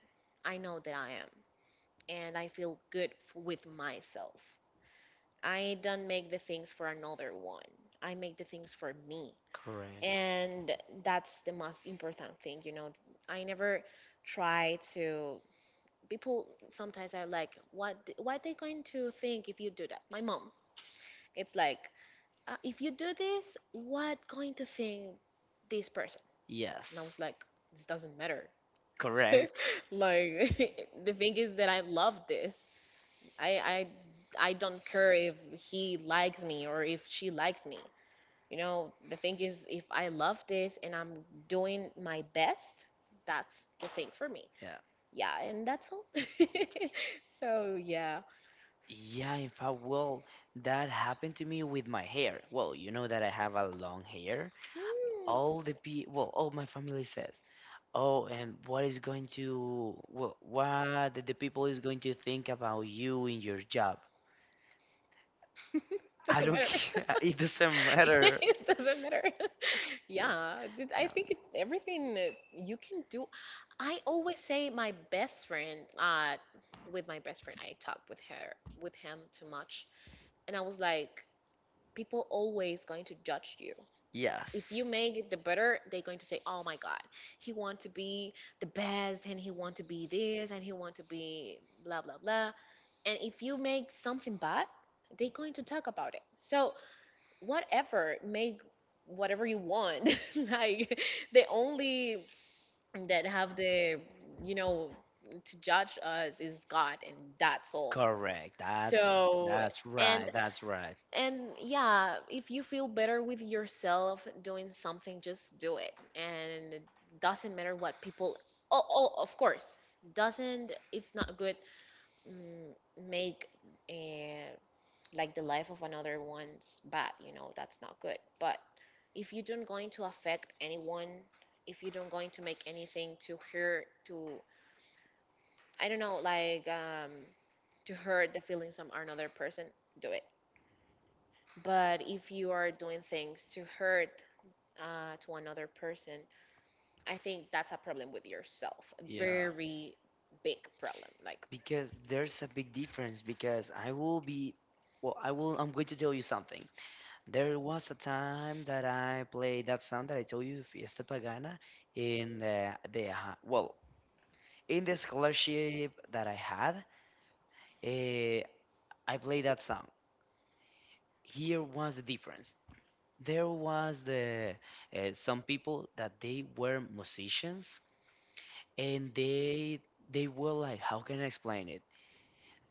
I know that I am, and I feel good with myself. I don't make the things for another one. I make the things for me.
Correct.
And that's the most important thing, you know. I never try to people, sometimes are like, what they going to think if you do that? My mom, it's like, if you do this, what going to think this person? And I was
Yes,
like, this doesn't matter.
correct.
Like, the thing is that I love this. I I I don't care if he likes me or if she likes me. You know, the thing is if I love this and I'm doing my best, that's the thing for me.
Yeah.
Yeah, and that's all. So yeah.
Yeah, in fact, well, that happened to me with my hair. Well, you know that I have a long hair.
Hmm.
All the all my family says, "Oh, and what is going to, well, what the people is going to think about you in your job?" I
Doesn't
don't
matter.
care. It doesn't matter.
It doesn't matter. Yeah. I
Yeah.
think everything that you can do. I always say my best friend. With my best friend, I talk with her, with him, too much, and I was like, people always going to judge you. If
Yes,
you make it the better, they're going to say, oh my god, he want to be the best, and he want to be this, and he want to be blah blah blah. And if you make something bad, they're going to talk about it. So whatever, make whatever you want. Like, the only that have the, you know, to judge us is God, and that's all.
correct. That's
So,
that's
and
right. That's right.
and yeah, if you feel better with yourself doing something, just do it. And it doesn't matter what people. Oh, oh, of course, doesn't. It's not good. mm, Make, uh, like, the life of another one's bad. You know, that's not good. But if you don't going to affect anyone, if you don't going to make anything to hurt, to I don't know, like, to hurt the feelings of another person, do it. But if you are doing things to hurt, to another person, I think that's a problem with yourself. A
Yeah.
very big problem. Like,
Because there's a big difference because I will I will I'm going to tell you something. There was a time that I played that song that I told you, Fiesta Pagana, in in the scholarship that I had, eh, I played that song. Here was the difference. There was the some people that they were musicians and they were like, how can I explain it?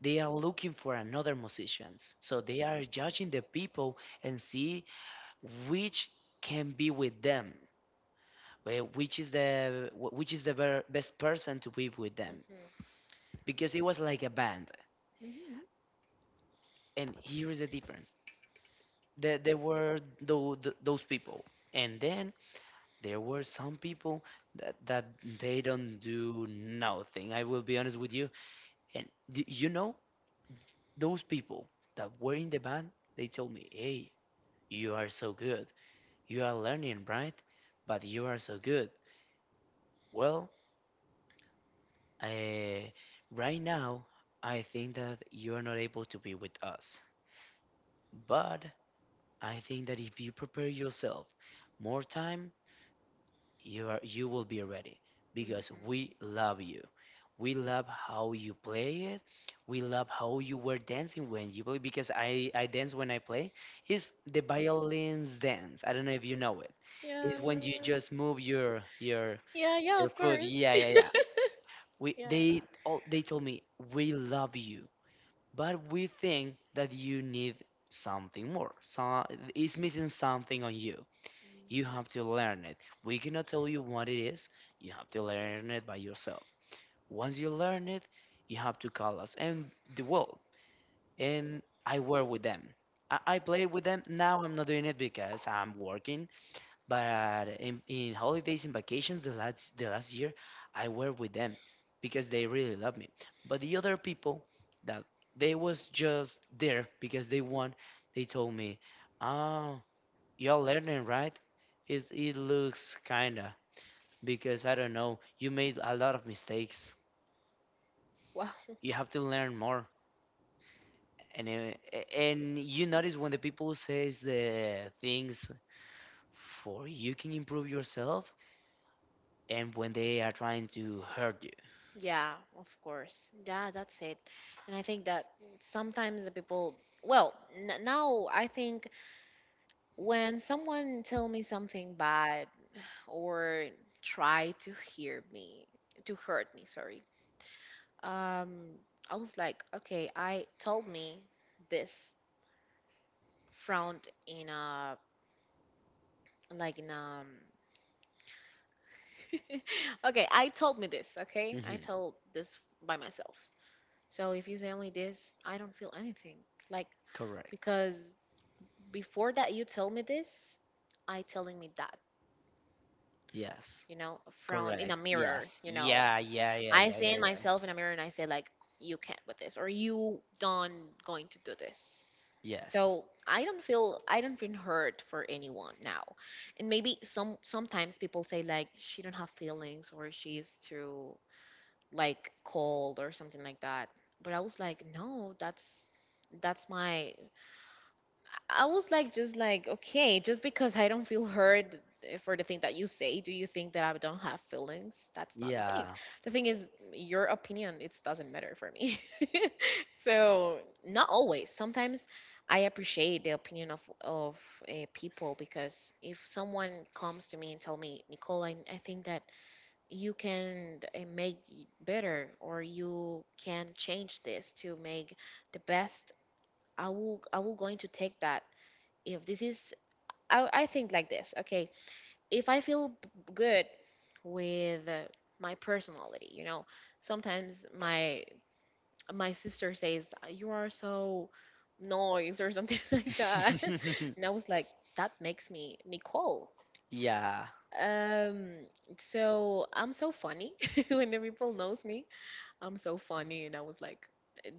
They are looking for another musicians, so they are judging the people and see which can be with them, wh- which is the wh- which is the ver- best person to be with them
hmm,
because it was like a band.
hmm,
And here is the difference, there were those people, and then there were some people that they don't do nothing, I will be honest with you. And you know those people that were in the band, they told me, "Hey, you are so good. You are learning, right? But you are so good. Well, uh, right now, I think that you are not able to be with us. But I think that if you prepare yourself more time, you will be ready because we
hmm,
love you. We love how you play it. We love how you were dancing when you play because I dance when I play. It's the violin's dance. I don't know if you know it.
yeah,
It's when you just move your
yeah, yeah,
Their
of
food,
course.
yeah, yeah, yeah. We
Yeah.
They all they told me we love you, but we think that you need something more. So it's missing something on you. You have to learn it. We cannot tell you what it is. You have to learn it by yourself. Once you learn it, you have to call us and the world. And I work with them. I play with them. Now I'm not doing it because I'm working. But in holidays and vacations, the last year, I were with them because they really love me. But the other people that they was just there because they told me, "Oh, you all learning, right? It looks kinda because I don't know. You made a lot of mistakes.
Well,
You have to learn more." And and you notice when the people says the things for you can improve yourself, and when they are trying to hurt you.
yeah, of course. Yeah, that's it. And I think that sometimes the people, well, n now I think when someone tell me something bad or try to hear me, to hurt me, sorry. Um, I was like, okay, I told me this, frowned in a, like in, okay, I told me this, okay? I
Hmm.
told this by myself. So if you tell me this, I don't feel anything. Like,
Correct.
because before that you told me this, I telling me that,
Yes.
you know, a frown in
Correct.
a mirror,
Yes.
you know.
Yeah, yeah, yeah,
I
yeah,
see
yeah,
in
yeah.
myself in a mirror and I say like, you can't with this, or you don't going to do this.
Yes.
So I don't feel hurt for anyone now. And maybe sometimes people say like, she don't have feelings, or she's too like cold or something like that. But I was like, no, that's my, I was like, just like, okay, just because I don't feel heard, for the thing that you say, do you think that I don't have feelings? That's not the thing.
Yeah.
The thing is, your opinion, it doesn't matter for me. So, not always. Sometimes I appreciate the opinion of people, because if someone comes to me and tell me, Nicole, I think that you can, make better, or you can change this to make the best, I will going to take that. If this is, I think like this, okay. If I feel good with, my personality, you know, sometimes my sister says, you are so noise or something like that, and I was like, that makes me Nicole,
Yeah.
um so I'm so funny. When the people knows me, I'm so funny, and I was like,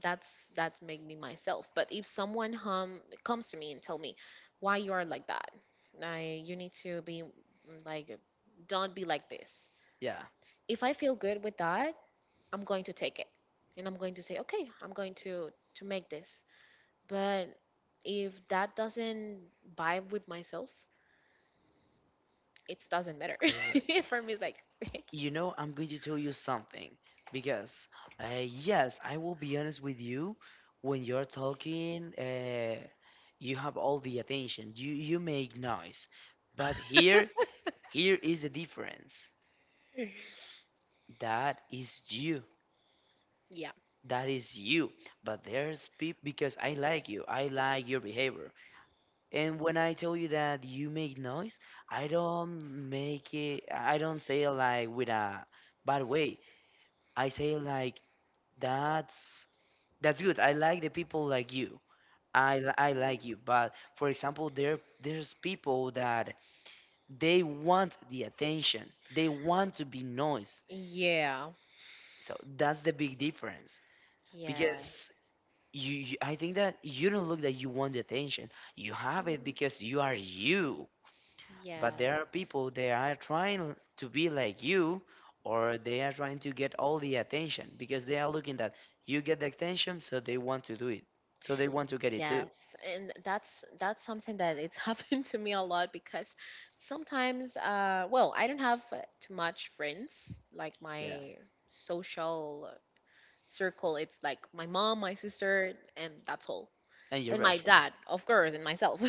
that's that's made me myself. But if someone hum comes to me and tell me, why you are like that, I, you need to be like, don't be like this.
Yeah.
If I feel good with that, I'm going to take it, and I'm going to say, okay, I'm going to make this. But if that doesn't vibe with myself, it doesn't matter.
Correct.
For me, it's like,
You know, I'm going to tell you something because, yes, I will be honest with you. When you're talking, you have all the attention. You make noise, but here is the difference. That is you.
yeah,
That is you. But there's people because I like you. I like your behavior. And when I tell you that you make noise, I don't make it. I don't say it like with a bad way. I say it like that's that's good. I like the people like you. I like you. But, for example, there's people that they want the attention. They want to be noise.
yeah,
So that's the big difference
yeah.
because you I think that you don't look that you want the attention. You have it because you are you. But there are
Yes.
people that are trying to be like you, or they are trying to get all the attention because they are looking that you get the attention, so they want to do it. So they want to get it too.
Yes, and that's something that it's happened to me a lot, because sometimes, well, I don't have too much friends. Like,
Yeah.
my social circle, it's like my mom, my sister, and that's all,
And your
and my
best friend.
dad, of course, and myself.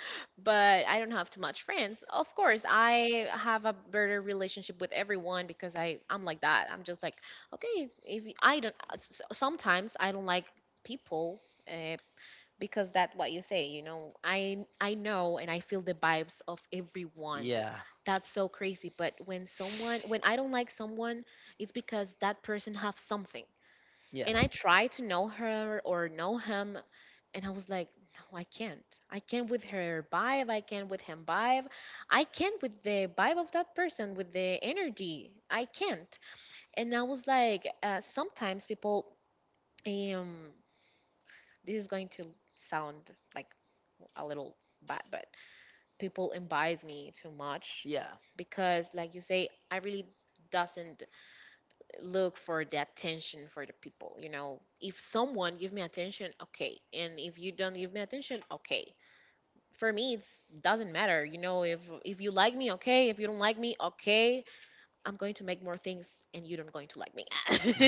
But I don't have too much friends. Of course I have a better relationship with everyone, because I'm like that. I'm just like, okay, if I don't sometimes I don't like people, uh, because that's what you say, you know, I know and I feel the vibes of everyone.
Yeah.
That's so crazy. But when someone, when I don't like someone, it's because that person have something,
Yeah.
and I tried to know her or know him, and I was like, no, I can't. I can't with her vibe. I can't with him vibe. I can't with the vibe of that person, with the energy. I can't. And I was like, sometimes people, um, this is going to sound like a little bad, but people advise me too much
Yeah.
because, like you say, I really doesn't look for the attention for the people, you know, if someone give me attention, okay, and if you don't give me attention, okay, for me it doesn't matter, you know, if you like me, okay, if you don't like me, okay, I'm going to make more things and you don't going to like me.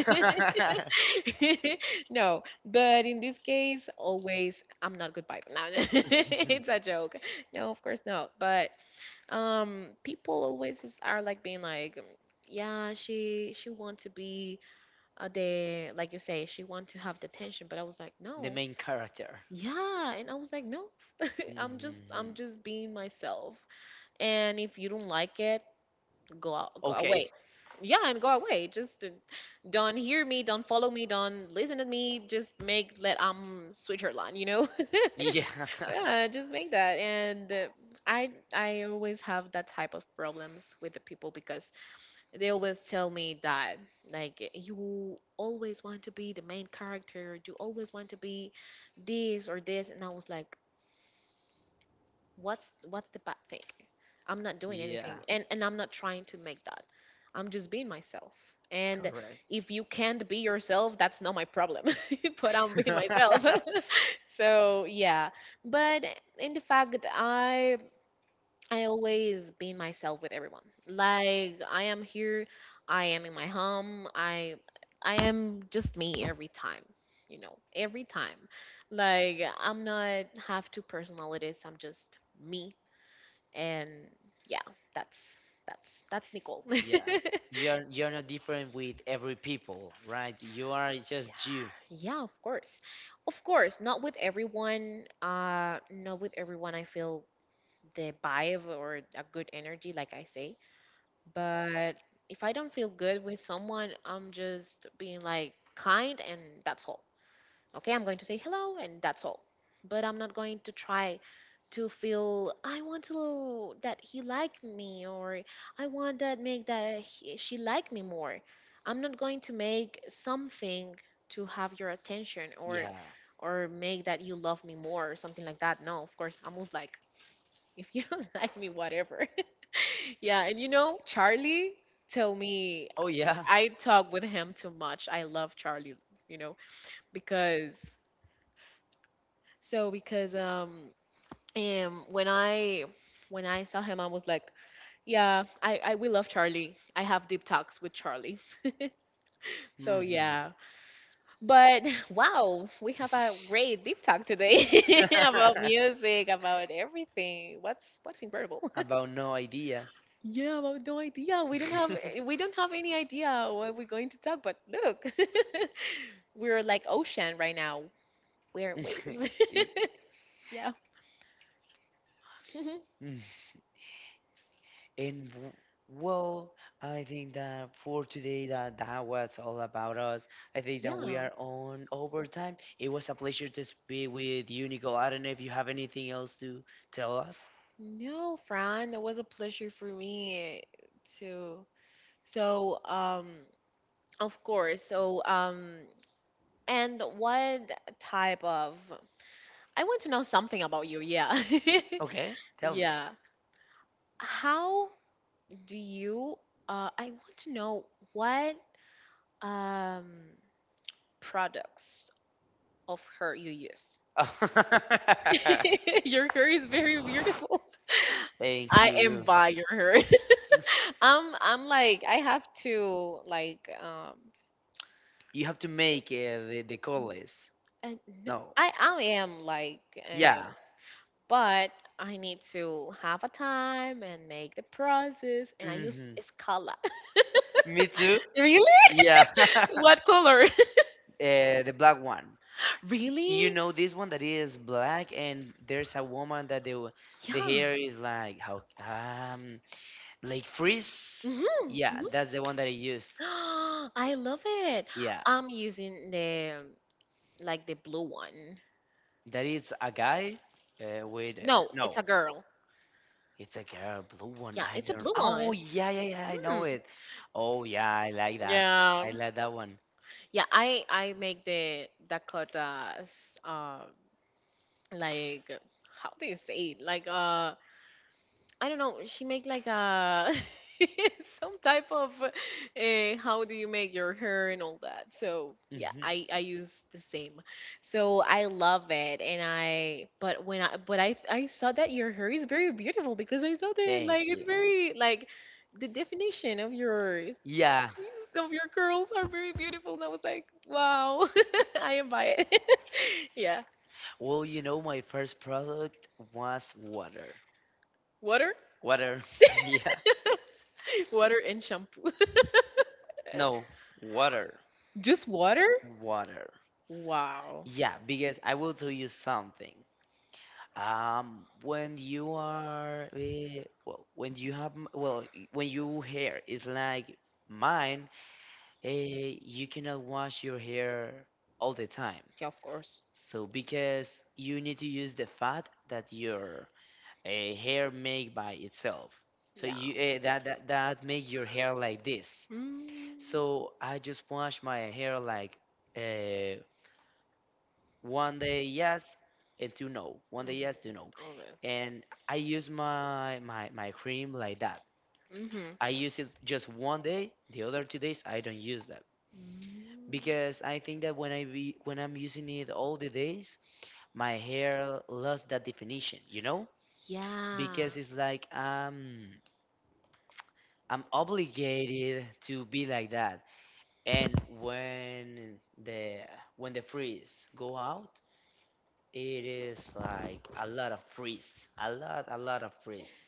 No, but in this case always I'm not good vibe, no, it's a joke, no, of course not. But people always is, are like being like, yeah, she want to be the like you say she want to have the attention. But I was like,
The
no.
main character.
Yeah, and I was like, no. i'm just i'm
Mhm.
just being myself, and if you don't like it, go out, go
Okay.
away. Yeah, and go away. Just don't hear me, don't follow me, don't listen to me, just make let Switzerland, you know.
Yeah.
Yeah, just make that. And I always have that type of problems with the people because they always tell me that like you always want to be the main character, you always want to be this or this. And I was like, what's the bad thing? I'm not doing
Yeah.
anything, and I'm not trying to make that. I'm just being myself, and
Correct.
if you can't be yourself, that's not my problem. But I'm being myself. So yeah, but in the fact that I always been myself with everyone. Like I am here, I am in my home, I am just me every time, you know, every time. Like I'm not have two personalities, I'm just me, and yeah, that's that's Nicole.
Yeah. You're not different with every people, right? You are just you.
Yeah, of course. Of course, not with everyone, not with everyone I feel the vibe or a good energy like I say. But if I don't feel good with someone, I'm just being like kind, and that's all. Okay, I'm going to say hello, and that's all. But I'm not going to try to feel I want to that he like me, or I want that make that he, she like me more. I'm not going to make something to have your attention or
Yeah.
or make that you love me more or something like that. No, of course, I'm almost like if you don't like me, whatever. Yeah, and you know, Charlie tell me
Oh yeah.
I talk with him too much. I love Charlie, you know, because so because um when I when I saw him I was like, yeah, I we love Charlie. I have deep talks with Charlie. So
Hmm.
yeah. But wow, we have a great deep talk today about music, about everything. What's incredible.
About no idea.
Yeah, I have no idea. Yeah, we don't have any idea what we're going to talk, but look. We're like ocean right now. We're waves.
Y-
Yeah.
And well, I think that for today that was all about us. I think that we
Yeah.
are on overtime. It was a pleasure to speak with you, Nicole. I don't know if you have anything else to tell us.
No, Fran, that was a pleasure for me to. So, of course. So, and what type of? I want to know something about you. Yeah.
Okay, tell me.
Yeah. How do you? I want to know what Um, products of hair you use. Your hair is very beautiful.
Thank
I am
you.
by your hair. I'm like I have to like
You have to make the call list.
and no,
No.
I am like
Yeah.
but I need to have a time and make the process, and I use
Hmm.
Scala.
Me too.
Really?
Yeah.
What color?
The black one. You
Really?
know this one that is black, and there's a woman that the
Yeah.
hair is like, how, like frizz.
Mm-hmm.
Yeah, that's the one that I use.
Hmm. I love it.
Yeah,
I'm using the like the blue one.
that is a guy with
No,
no,
it's a girl.
it's a girl, blue one.
Yeah,
I
it's a
don't.
blue one.
Oh yeah, yeah, yeah. I know
Mm.
it. Oh yeah, I like that.
Yeah.
I like that one.
Yeah, I make the Dakotas um like how do you say it? Like I don't know. She make like a some type of how do you make your hair and all that. So yeah,
Hmm.
I use the same. So I love it, and I but when I but I saw that your hair is very beautiful because I saw that like
Thank
it's
you.
very like the definition of yours. Yeah,
Yeah.
these- of your curls are very beautiful, and I was like, wow, I am by it. Yeah,
Well, you know, my first product was water.
water,
Water. Yeah.
water and shampoo.
No, water.
Just water?
Water.
Wow.
Yeah, because I will tell you something. When you are, when you have, when your hair is like mine, uh, you cannot wash your hair all the time.
Yeah, of course.
So because you need to use the fat that your hair make by itself. So
Yeah.
you that make your hair like this.
Mm.
So I just wash my hair like uh, one day yes and two no, one
Mhm.
day yes, two no,
Okay.
and I use my cream like that.
Mm-hmm.
I use it just one day. The other 2 days I don't use that
Mm.
because I think that when I'm using it all the days, my hair lost that definition, you know,
Yeah.
because it's like, I'm obligated to be like that. And when the when the freeze go out, it is like a lot of freeze, a lot of freeze,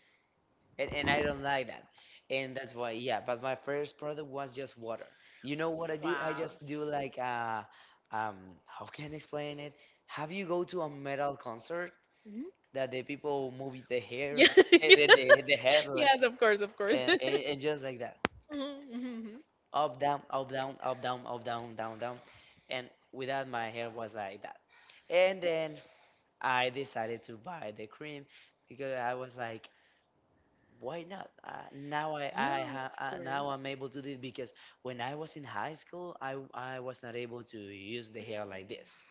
and I don't like that, and that's why, yeah. But my first product was just water. You know what I do? I
Wow.
just do like how can I explain it? Have you go to a metal concert
Hmm.
that the people move the hair,
Yeah.
the the the, the head, like,
Yes, of course, of course.
and, and, and just like that?
Mhm, mhm, mhm.
Up, down, up, down, up, down, up, down, down, down. And with that, my hair was like that. And then I decided to buy the cream because I was like, why not?
Yeah, of course.
Now I'm able to do it because when I was in high school, I was not able to use the hair like this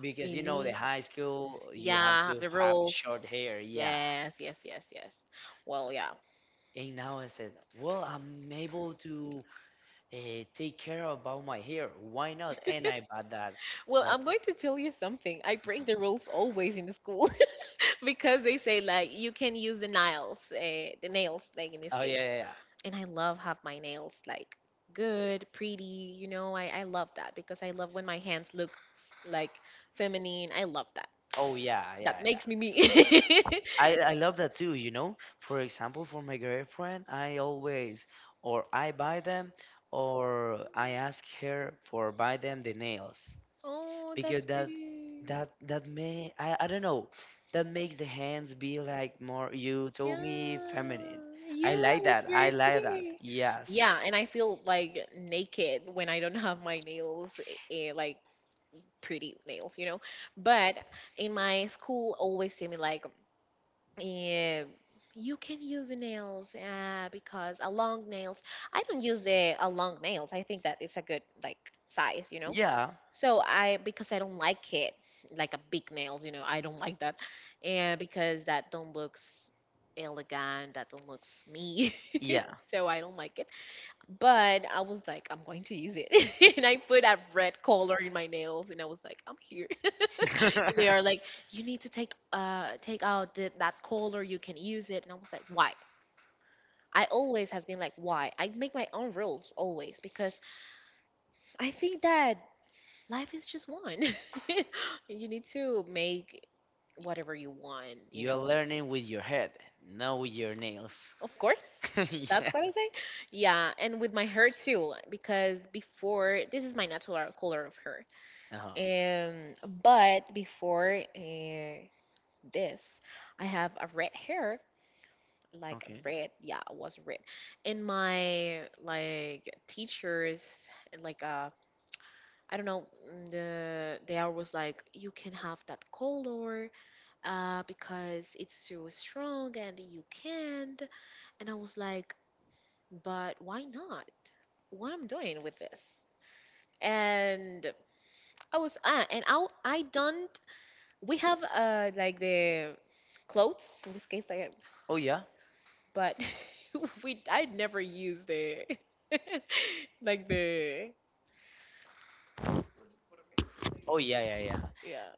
because, you know, the
Really?
high school, you have
Yeah,
to
the
have
rules.
short hair, yeah.
Yes, yes, yes, yes.
So
Well, yeah.
and now I said, well, I'm able to uh, take care about my hair. Why not? And I bought that.
Well,
Like,
I'm going to tell you something. I break the rules always in the school because they say like you can use the nails, like in this
oh yeah,
case.
yeah, yeah.
And I love have my nails like good, pretty. You know, I love that because I love when my hands look like feminine. I love that.
Oh yeah, yeah,
That
yeah.
makes me me.
I love that too. You know, for example, for my girlfriend, I always or I buy them or I ask her for buy them the nails
Oh,
because
that's
that
pretty.
that that may, I don't know, that makes the hands be like more. You told me
Yeah,
feminine. I
yeah,
like
it's
that. I
very
like that.
pretty.
Yes.
Yeah, and I feel like naked when I don't have my nails, like pretty nails, you know. But in my school, always see me like, eh, you can use the nails because a long nails. I don't use a long nails. I think that it's a good like size, you know.
Yeah.
So I because I don't like it, like a big nails, you know, I don't like that, and because that don't looks elegant, that don't looks me,
Yeah.
so I don't like it. But I was like, I'm going to use it, and I put a red color in my nails, and I was like, I'm here. And they are like, you need to take out the, that color, you can use it, and I was like, why? I always has been like, why? I make my own rules always because I think that life is just one. You need to make whatever you want, you
You are
know. It's,
learning with your head, not with your nails.
of course,
Yeah.
that's what I say. Yeah, and with my hair too, because before, this is my natural color of hair.
Uh-huh.
Um, but before this, I have a red hair, like
Okay.
red. Yeah, it was red. And my like teachers, like I don't know, they always like you can have that color, because it's so strong and you can't. And I was like, but why not? What I'm doing with this? And I was, and I don't, we have like the clothes, in this case, I,
Oh yeah.
but we, I never use the, like the,
Oh yeah, yeah, yeah.
yeah,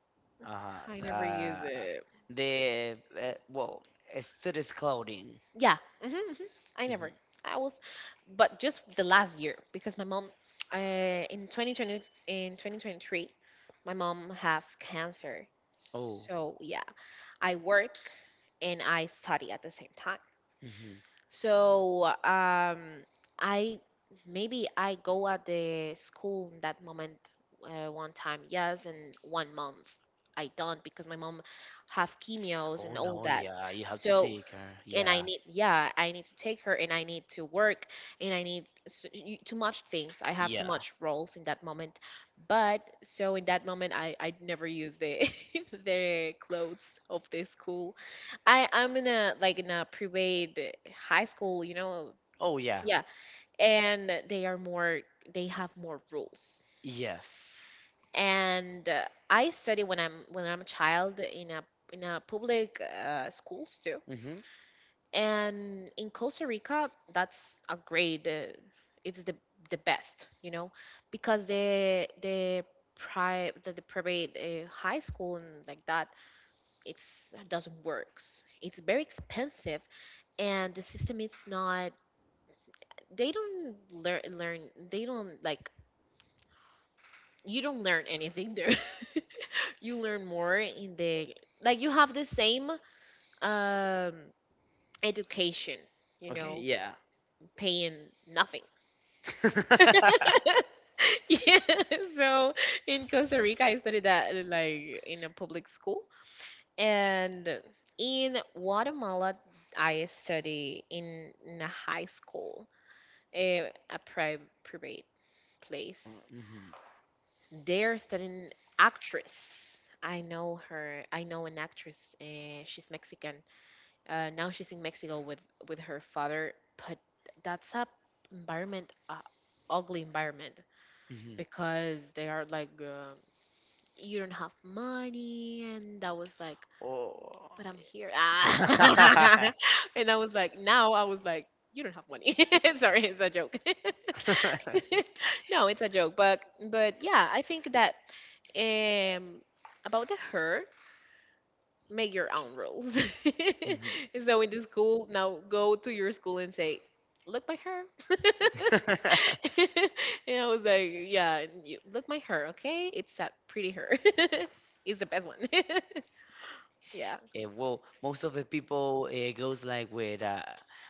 I
Uh-huh.
never use it.
The well, studies clothing.
Yeah. Hmm, hmm. I never.
hmm
I was, but just the last year because my mom, uh, in 2020, in 2023, my mom have cancer.
Oh.
So yeah, I work and I study at the same time.
hmm
So I maybe I go at the school in that moment one time, yes, and one month I don't because my mom have chemios
Oh
and all
no,
that.
yeah. You have to
So
take her.
and I
Yeah.
need, yeah, I need to take her and I need to work and I need too much things I have too
Yeah.
much roles in that moment. But so in that moment I never use the the clothes of the school. I'm in a like in a private high school, you know.
Oh yeah.
Yeah, and they are more they have more rules.
Yes.
And I study when I'm a child in a public schools too.
hmm
And in Costa Rica, that's a great. It's the best, you know, because the private high school and like that, it's doesn't works. It's very expensive, and the system is not. They don't learn. They don't like you don't learn anything there. You learn more in the like you have the same um education, you
Okay.
know,
Yeah.
paying nothing. Yeah, so in Costa Rica, I studied that like in a public school, and in Guatemala, I study in a high school, a private place.
Mm-hmm.
They're studying actress. I know her. I know an actress. She's Mexican. Now she's in Mexico with her father, but that's a environment, a ugly environment.
Mm-hmm.
Because they are like you don't have money and I was like,
Oh,
but I'm here, ah.
mm-hmm,
And I was like, now I was like, you don't have money. Sorry, it's a joke.
yeah.
No, it's a joke. But yeah, I think that um about the hair, make your own rules. So in the school, now go to your school and say, look my hair.
Mhm.
And I was like, yeah, and you, look my hair, okay? It's that pretty hair. It's the best one. Yeah.
Well, most of the people it goes like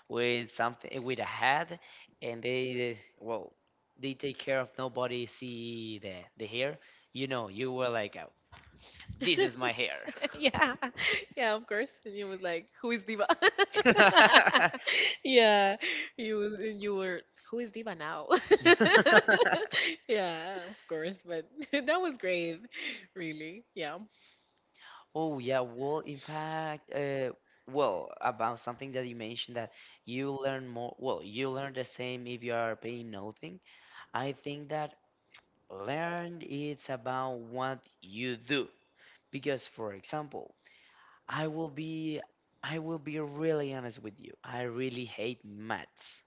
with something with a hat, and they well they take care of nobody see the hair. You know, you were like, oh, this is my hair.
Yeah. Yeah, of course. And he was like, who is Diva? Yeah. You was and you were who is Diva now? Yeah, of course, but that was great, really. Yeah.
Oh yeah, well, in fact, well, about something that you mentioned that you learn more, well, you learn the same if you are paying nothing. I think that learn it's about what you do. Because for example, I will be I will be really honest with you. I really hate maths.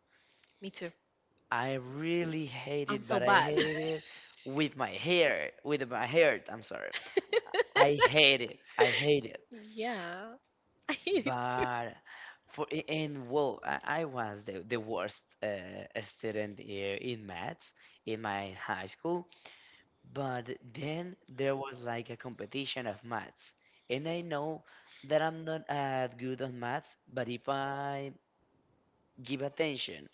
Me too.
I really hate
I'm
it,
so
but I
bad.
hate it with my hair, with my heart, I'm sorry. I hate it. I hate it.
Yeah. I hate it too.
But for a- and well, I was the worst student here in maths in my high school. But then there was like a competition of maths, and I know that I'm not good on maths. But if I give attention,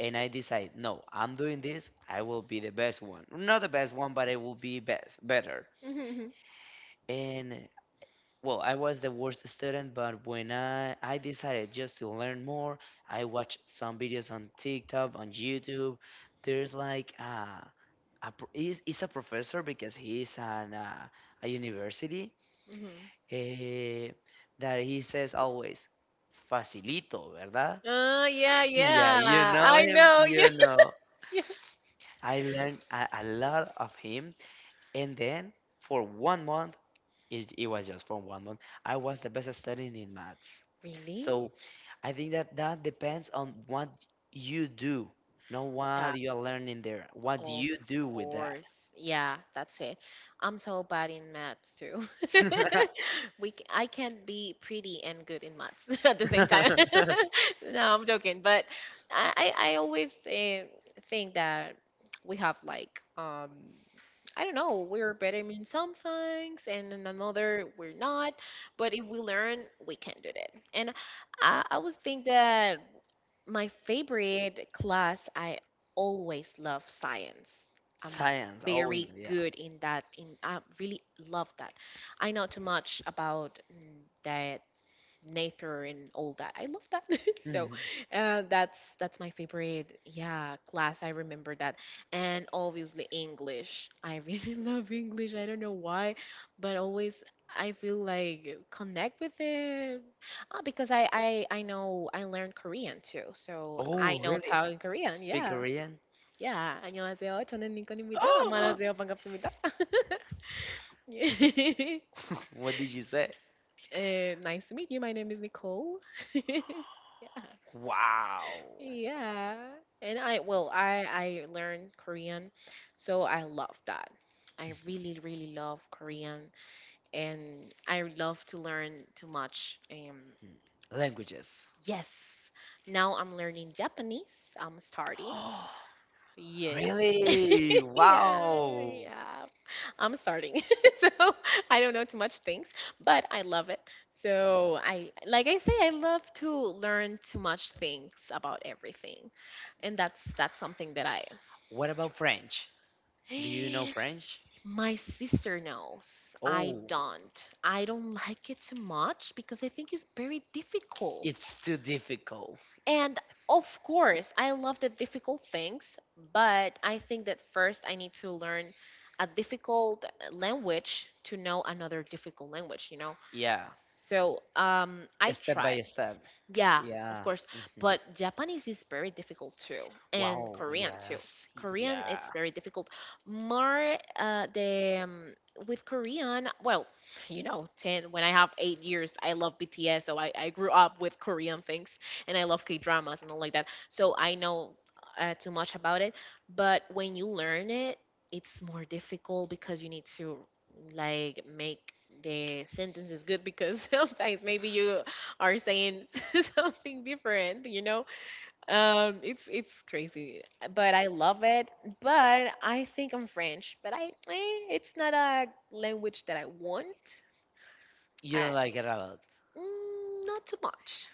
and I decide, no, I'm doing this, I will be the best one. Not the best one, but I will be best better.
Mm-hmm.
And. Well, I was the worst student, but when I decided just to learn more, I watched some videos on TikTok, on YouTube. There's like he's a professor because he's an a university,
Mm-hmm.
eh, that he says always facilito, ¿verdad?
Yeah,
Yeah, you
yeah.
know
I
him,
know.
you
Yes,
know.
yes.
I learned a lot of him, and then for 1 month. It, it was just for 1 month. I was the best studying in maths.
Really?
So I think that that depends on what you do, not
Yeah.
what you are learning there. What do
Of
you do with that?
course. Yeah, that's it. I'm so bad in maths too. I can't be pretty and good in maths at the same time. No, I'm joking, but I always think that we have like I don't know, we're better in some things and in another we're not, but if we learn, we can do that. And I always think that my favorite class I always love science. I'm
Science. Oh,
very
yeah.
good in that. In I really love that. I know too much about the nature and all that. I love that. So
Mhm.
that's my favorite, yeah, class. I remember that, and obviously English. I really love English. I don't know why, but always I feel like connect with it because I know I learned Korean too, so I
Oh,
know
really?
Tao in Korean.
Speak
Yeah.
Korean?
Yeah, 안녕하세요. 저는 링컨입니다.
Oh.
안녕하세요. 반갑습니다. 예.
What did you say?
Nice to meet you. My name is Nicole. Yeah.
Wow.
Yeah. And I well, I learned Korean, so I love that. I
Mhm.
really really love Korean and I love to learn too much. Um
Languages.
yes. Now I'm learning Japanese. I'm starting. Yeah.
Really?
Yeah,
Wow.
yeah. I'm starting. So I don't know too much things, but I love it. So I, like I say, I love to learn too much things about everything. And that's something that I...
What about French? Do you know French?
My sister knows. I
Oh,
don't. I don't like it too much because I think it's very difficult.
it's too difficult.
And of course, I love the difficult things, but I think that first I need to learn a difficult language to know another difficult language, you know?
Yeah,
So I
step by
tried.
step.
Yeah, of
Yeah.
course.
hmm
But Japanese is very difficult too, and
Wow,
Korean too.
yes,
Korean, it's
yeah.
very difficult. More, the with Korean, well, you know, ten when I have 8 years, I love BTS, so I grew up with Korean things, and I love K dramas and all like that. So I know too much about it. But when you learn it, it's more difficult because you need to like make the sentences good because sometimes maybe you are saying something different. It's crazy, but I love it. But I think I'm French, but it's not a language that I want.
You
I,
don't like it a lot.
Not too much.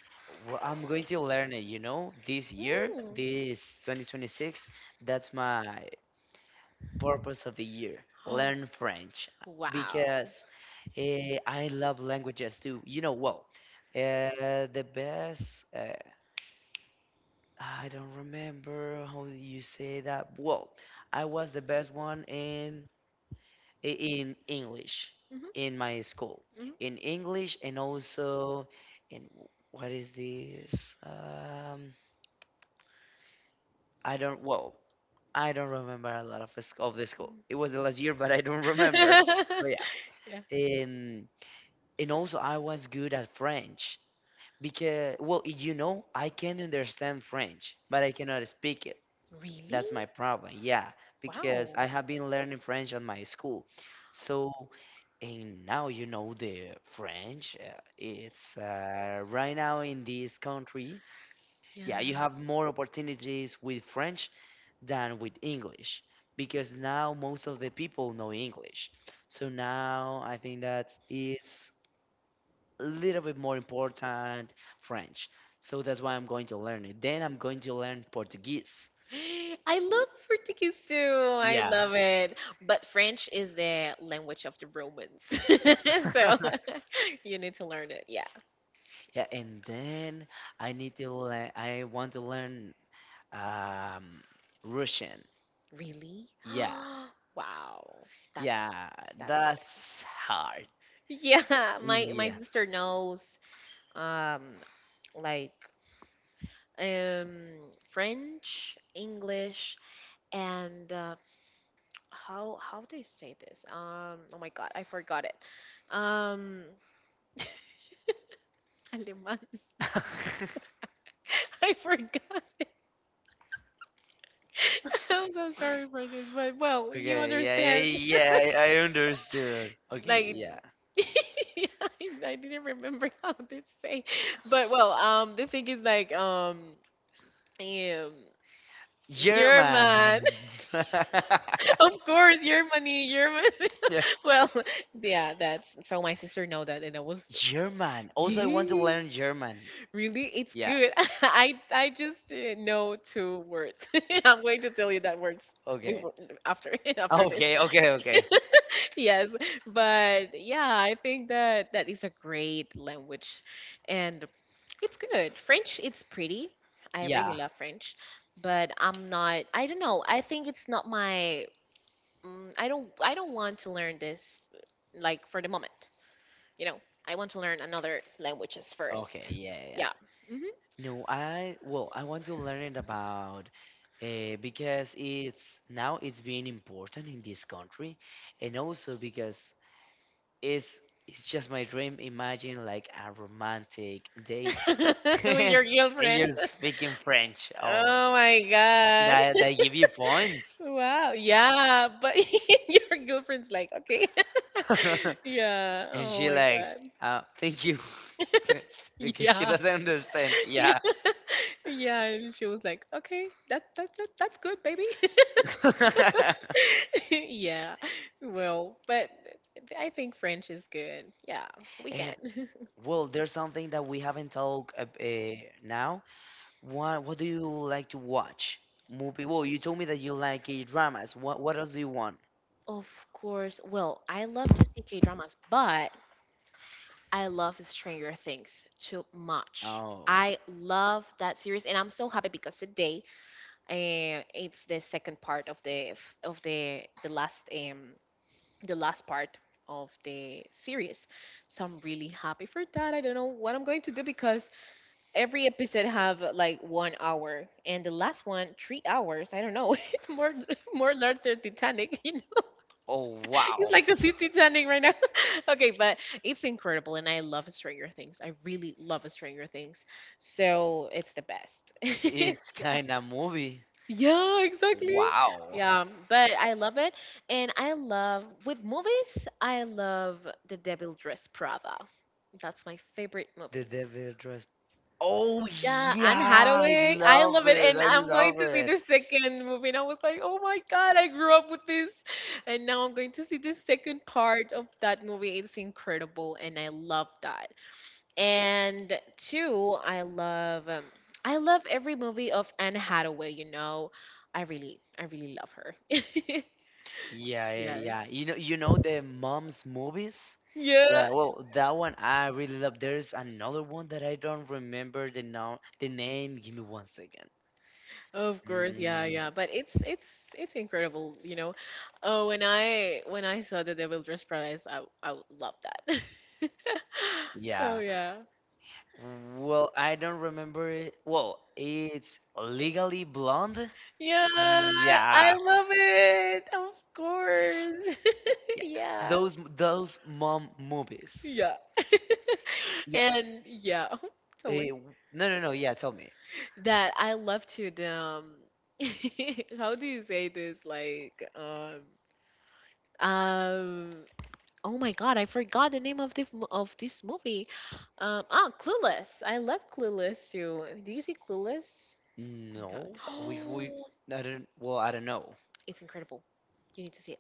Well, I'm going to learn it, this year,
Mm.
this 2026, that's my purpose of the year.
Oh,
Learn French
wow.
because, I love languages too. You know, well, the best I don't remember how you say that. Well, I was the best one in English in
Hmm.
my school. In English and also in what is this? I don't well, I don't remember a lot of of the school. It was the last year, but I don't remember.
Hmm.
But yeah.
Yeah.
and and also I was good at French because, well, you know, I can understand French, but I cannot speak it.
Really?
That's my problem. Yeah, because
Wow.
I have been learning French on my school. So, and now you know the French. It's right now in this country.
Yeah.
Yeah, you have more opportunities with French than with English because now most of the people know English. So now I think that it's a little bit more important French. So that's why I'm going to learn it. Then I'm going to learn Portuguese.
I love Portuguese too. I
Yeah.
love it. But French is the language of the Romans. So you need to learn it. Yeah.
Yeah, and then I need to learn. I want to learn um, Russian.
Really?
Yeah,
Wow. That's
yeah,
that's good.
that's hard.
Yeah, my
Yeah.
sister knows um like French, English, and how do you say this? Oh my God, I forgot it. Um, Aleman. I forgot it. I'm so sorry for this, but well, you
Okay, yeah,
understand.
yeah, yeah, I understood. Okay,
Like,
yeah.
I didn't remember how to say, but well, the thing is like, German. German.
German.
Of course, Germany, German.
Yeah.
Well, yeah, that's so my sister know that, and I was,
German. Also, I want to
yeah.
learn German.
Really, it's
Yeah.
good. I just know two words. I'm going to tell you that words
Okay.
before, after after this.
Okay, okay, okay.
Yes, but yeah, I think that that is a great language, and it's good. French, it's pretty. I
Yeah.
really love French, but I'm not. I don't know. I think it's not my. I don't. I don't want to learn this, like, for the moment. You know, I want to learn another languages
Okay,
first.
yeah, yeah, yeah.
Yeah.
No, I, well, I want to learn it about, because it's now it's being important in this country, and also because it's it's just my dream. Imagine like a romantic date,
With
and
your girlfriend.
you're speaking French. Oh,
Oh my God.
that give you points.
Wow. Yeah, but your girlfriend's like, okay. Yeah.
And
Oh
she
my
likes,
God.
thank you, because she
Yeah.
doesn't understand.
Yeah.
Yeah.
Yeah, and she was like, "Okay, that, that's good, baby." Yeah. Well, but I think French is good. Yeah, we
And
can.
well, there's something that we haven't talked now. What do you like to watch? Movie? Well, you told me that you like K dramas. What else do you want?
Of course. Well, I love to see K-dramas, but I love Stranger Things too much.
Oh.
I love that series, and I'm so happy because today, it's the second part of the f- of the last part of the series. So I'm really happy for that. I don't know what I'm going to do because every episode have like 1 hour, and the last one 3 hours. I don't know. It's more more larger Titanic, you.
Oh
He's
wow.
like the CC ending right now. Okay, but it's incredible, and I love Stranger Things. I really love Stranger Things, so it's the best.
It's
Yeah.
kind of movie.
Yeah, exactly.
Wow.
Yeah, but I love it, and I love with movies. I love The Devil Dress Prada. That's my favorite
The
movie.
Devil Dress. Oh
Yeah, Anne
yeah, I
Hathaway. I love
love
it.
it.
And
I
I'm going
love
to see
it.
the second movie. And I was like, oh my God, I grew up with this. And now I'm going to see the second part of that movie. It's incredible. And I love that. And two, I love every movie of Anne Hathaway, you know. I really love her.
Yeah, yeah, yeah.
Yes.
You know the mom's movies?
Yeah.
Like, well, that one I really love. There's another one that I don't remember the now the name. Give me 1 second.
Of course, yeah,
Mm,
yeah, but it's incredible, you know. Oh, when I saw the Devil Dress Paradise, I love that. So
yeah.
yeah,
Well, I don't remember it. Well, it's Legally Blonde.
yeah, I
Yeah.
love it. Of course,
Yeah.
yeah,
Those mom movies.
yeah,
Yeah.
and yeah. Tell me
No, no, no. Yeah, tell me.
that I love to the how do you say this? Like, um oh my God, I forgot the name of this movie. Clueless. I love Clueless too. Do you see Clueless?
No, which we
No.
I don't. Well, I don't know.
It's incredible. You need to see it.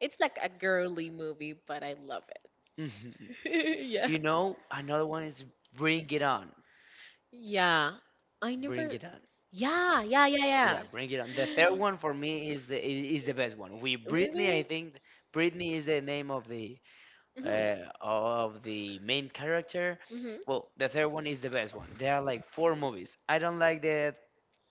It's like a girly movie, but I love it.
Mhm.
Yeah.
You know, another one is Bring It On.
Yeah. I
Bring
never.
It On.
Yeah, yeah, yeah,
Yeah, Bring It On. The third
yeah.
one for me is the is the best one. We Britney, I
Really?
think Britney is the name
Mhm.
of the main character.
Mhm.
Well, the third one is the best one. There are like four movies. I don't like the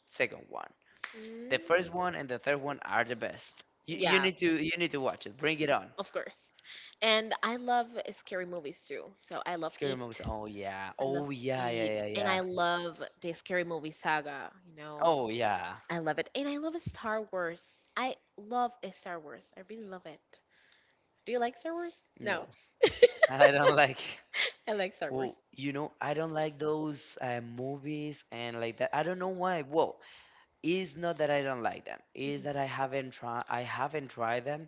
second one.
Mm.
The first one and the third one are the best. You, you
Yeah.
need to you need to watch it. Bring It On.
Of course. And I love scary movies too. So I love
Scary movies.
It.
Oh yeah.
I love
Oh yeah, yeah,
It.
yeah,
And
yeah.
I love the scary movie saga, you know.
Oh yeah.
I love it. And I love Star Wars. I love Star Wars. I really love it. Do you like Star Wars?
No,
No,
I don't like.
I like Star Wars.
Well, you know, I don't like those movies and like that. I don't know why. Well, it's not that I don't like them. It's that I haven't tried. I haven't tried them.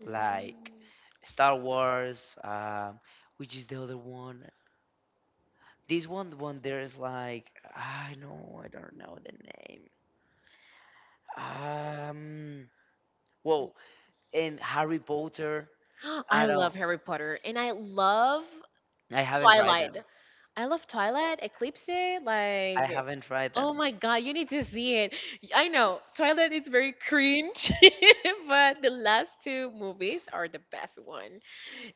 Mhm.
Like
Mm.
Star Wars, which is the other one. This one, the one there is like I know. I don't know the name. Um. Well, and Harry Potter.
I
I don't.
love Harry Potter and I love
I haven't tried
Twilight.
them.
I love Twilight, Eclipse, like,
I haven't tried
oh
them.
my God, you need to see it. I know Twilight is very cringe, but the last two movies are the best one,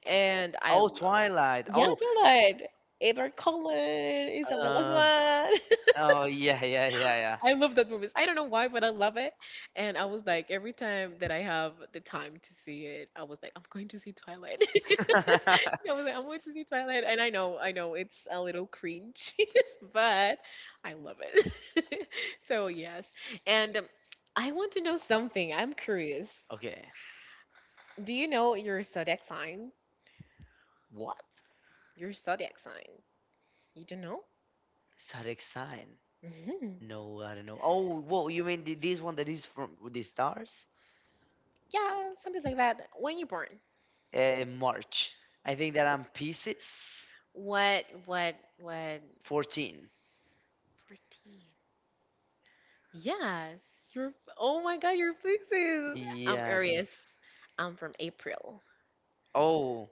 and I
Oh,
love.
Twilight.
Yeah,
Oh,
Twilight. Edward Cullen, Isabella
uh,
Swan.
oh yeah, yeah, yeah,
I love that movie. I don't know why, but I love it. And I was like, every time that I have the time to see it, I was like, I'm going to see Twilight.
yeah.
I was like, I'm going to see Twilight, and I know, it's a little cringe, but I love it. So yes, and I want to know something. I'm curious.
Okay.
Do you know your zodiac sign?
What?
Your zodiac sign. You don't know?
Zodiac sign?
Hmm.
No, I don't know. Oh, whoa, you mean this one that is from the stars?
Yeah, something like that. When you born?
March. I think that I'm Pisces
What? What? What?
14.
14. Yes, you're. Oh my God, your fixes. I'm
Yeah, I think.
Aries. I'm from April.
Oh,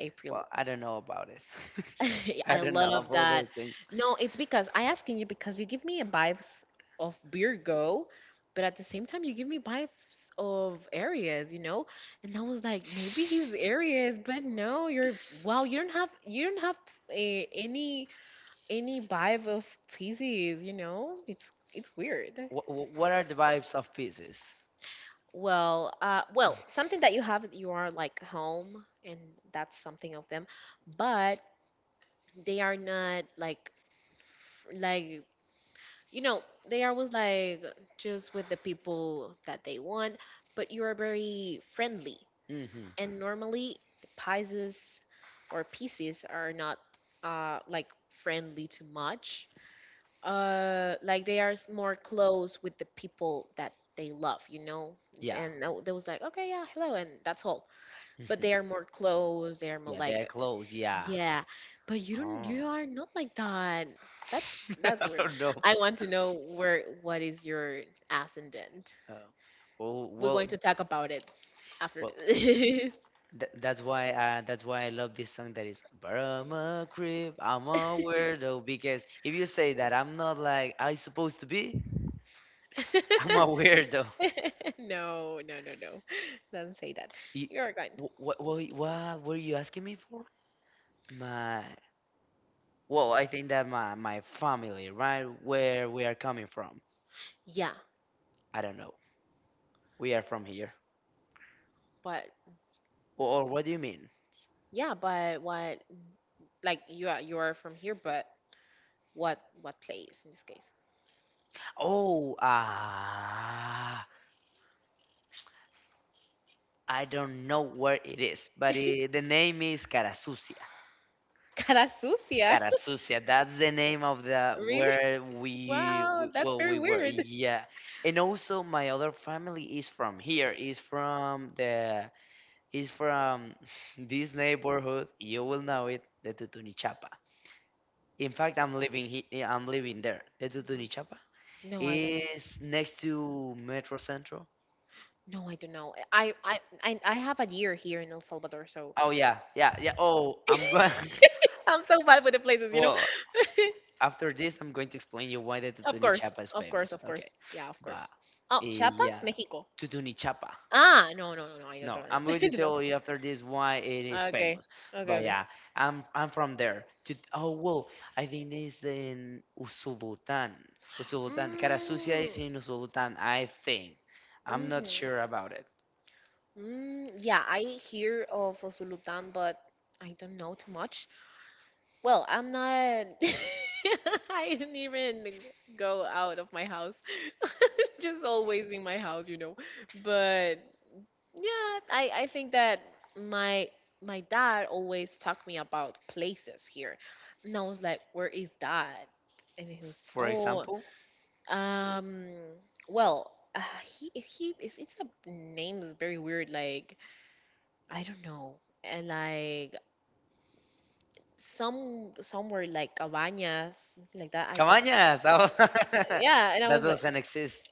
April.
well, I don't know about it. I
I
don't know
love
about
that.
those things.
No, it's because I asking you because you give me a vibes of Virgo, but at the same time you give me vibes of Aries, you know? And I was like, maybe he's Aries, but no, you're wow, you don't have eh, any any vibe of Pisces, you know? It's weird.
What are the vibes of pieces?
Well, well, something that you have, you are like home, and that's something of them, but they are not like like you know they are always like just with the people that they want, but you are very friendly,
Mm-hmm.
and normally the pisces or pieces are not like friendly too much, like they are more close with the people that they love.
Yeah.
And they was like, okay, yeah, hello, and that's all, but
hmm
they are more close. They are more
Yeah,
like,
they're close. Yeah.
yeah, but you don't,
Oh,
you are not like that. that's that's
I
weird.
don't know.
I want to know where what is your ascendant.
Oh, well,
We're
well,
going to
th-
talk about it after
well.
this.
That's why. That's why I love this song. That is, but I'm a creep. I'm a weirdo. Because if you say that I'm not like I supposed to be, I'm a weirdo.
No, no, no, no, do not say that
You,
you're kind.
what were you asking me for? My Well, I think that my family, right where we are coming from.
Yeah,
I don't know. We are from here.
but
Or what do you mean?
yeah, but what, like, you are from here, but what place in this case?
Oh, I don't know where it is, but the name is Carasucia.
Cara sucia.
Carasucia, that's the name of the
Really?
where we,
Wow,
we
that's
well we
very
were.
weird.
Yeah. And also my other family is from here, is from the is from this neighborhood. You will know it, the Tutunichapa. In fact, I'm living there. Tetutunicapa
No, I don't know.
is next to Metro Central.
No, I don't know. I have a year here in El Salvador, so
Oh yeah, yeah, yeah. Oh, I'm going.
I'm so bad with the places, you know?
Well, after this, I'm going to explain you why the
Of course,
Tutunichapa is
of course,
famous.
of course.
Okay,
Yeah, of
but
course. Oh, Chiapas,
yeah,
Mexico.
Tutunichapa.
No, no, no, no, I don't
No,
know.
I'm going
I
to
don't know.
tell you after this why it is
Okay,
famous.
okay,
But
okay.
yeah, I'm from there. Oh, well, I think it's in Usulután. Usulután. Carasucia
Mm,
is in Usulután, I think. I'm not
mhm.
sure about it.
Mm, yeah, I hear of Sultan, but I don't know too much. Well, I'm not. I didn't even go out of my house. Just always in my house, you know. But yeah, I think that my my dad always talked me about places here. And I was like, where is that? And he was,
For
oh,
example,
um, well, he is. It's a name is very weird, like I don't know. And like somewhere like Cabañas, something like that. I don't.
Cabañas. Oh,
Yeah, and I
that
was like,
doesn't exist.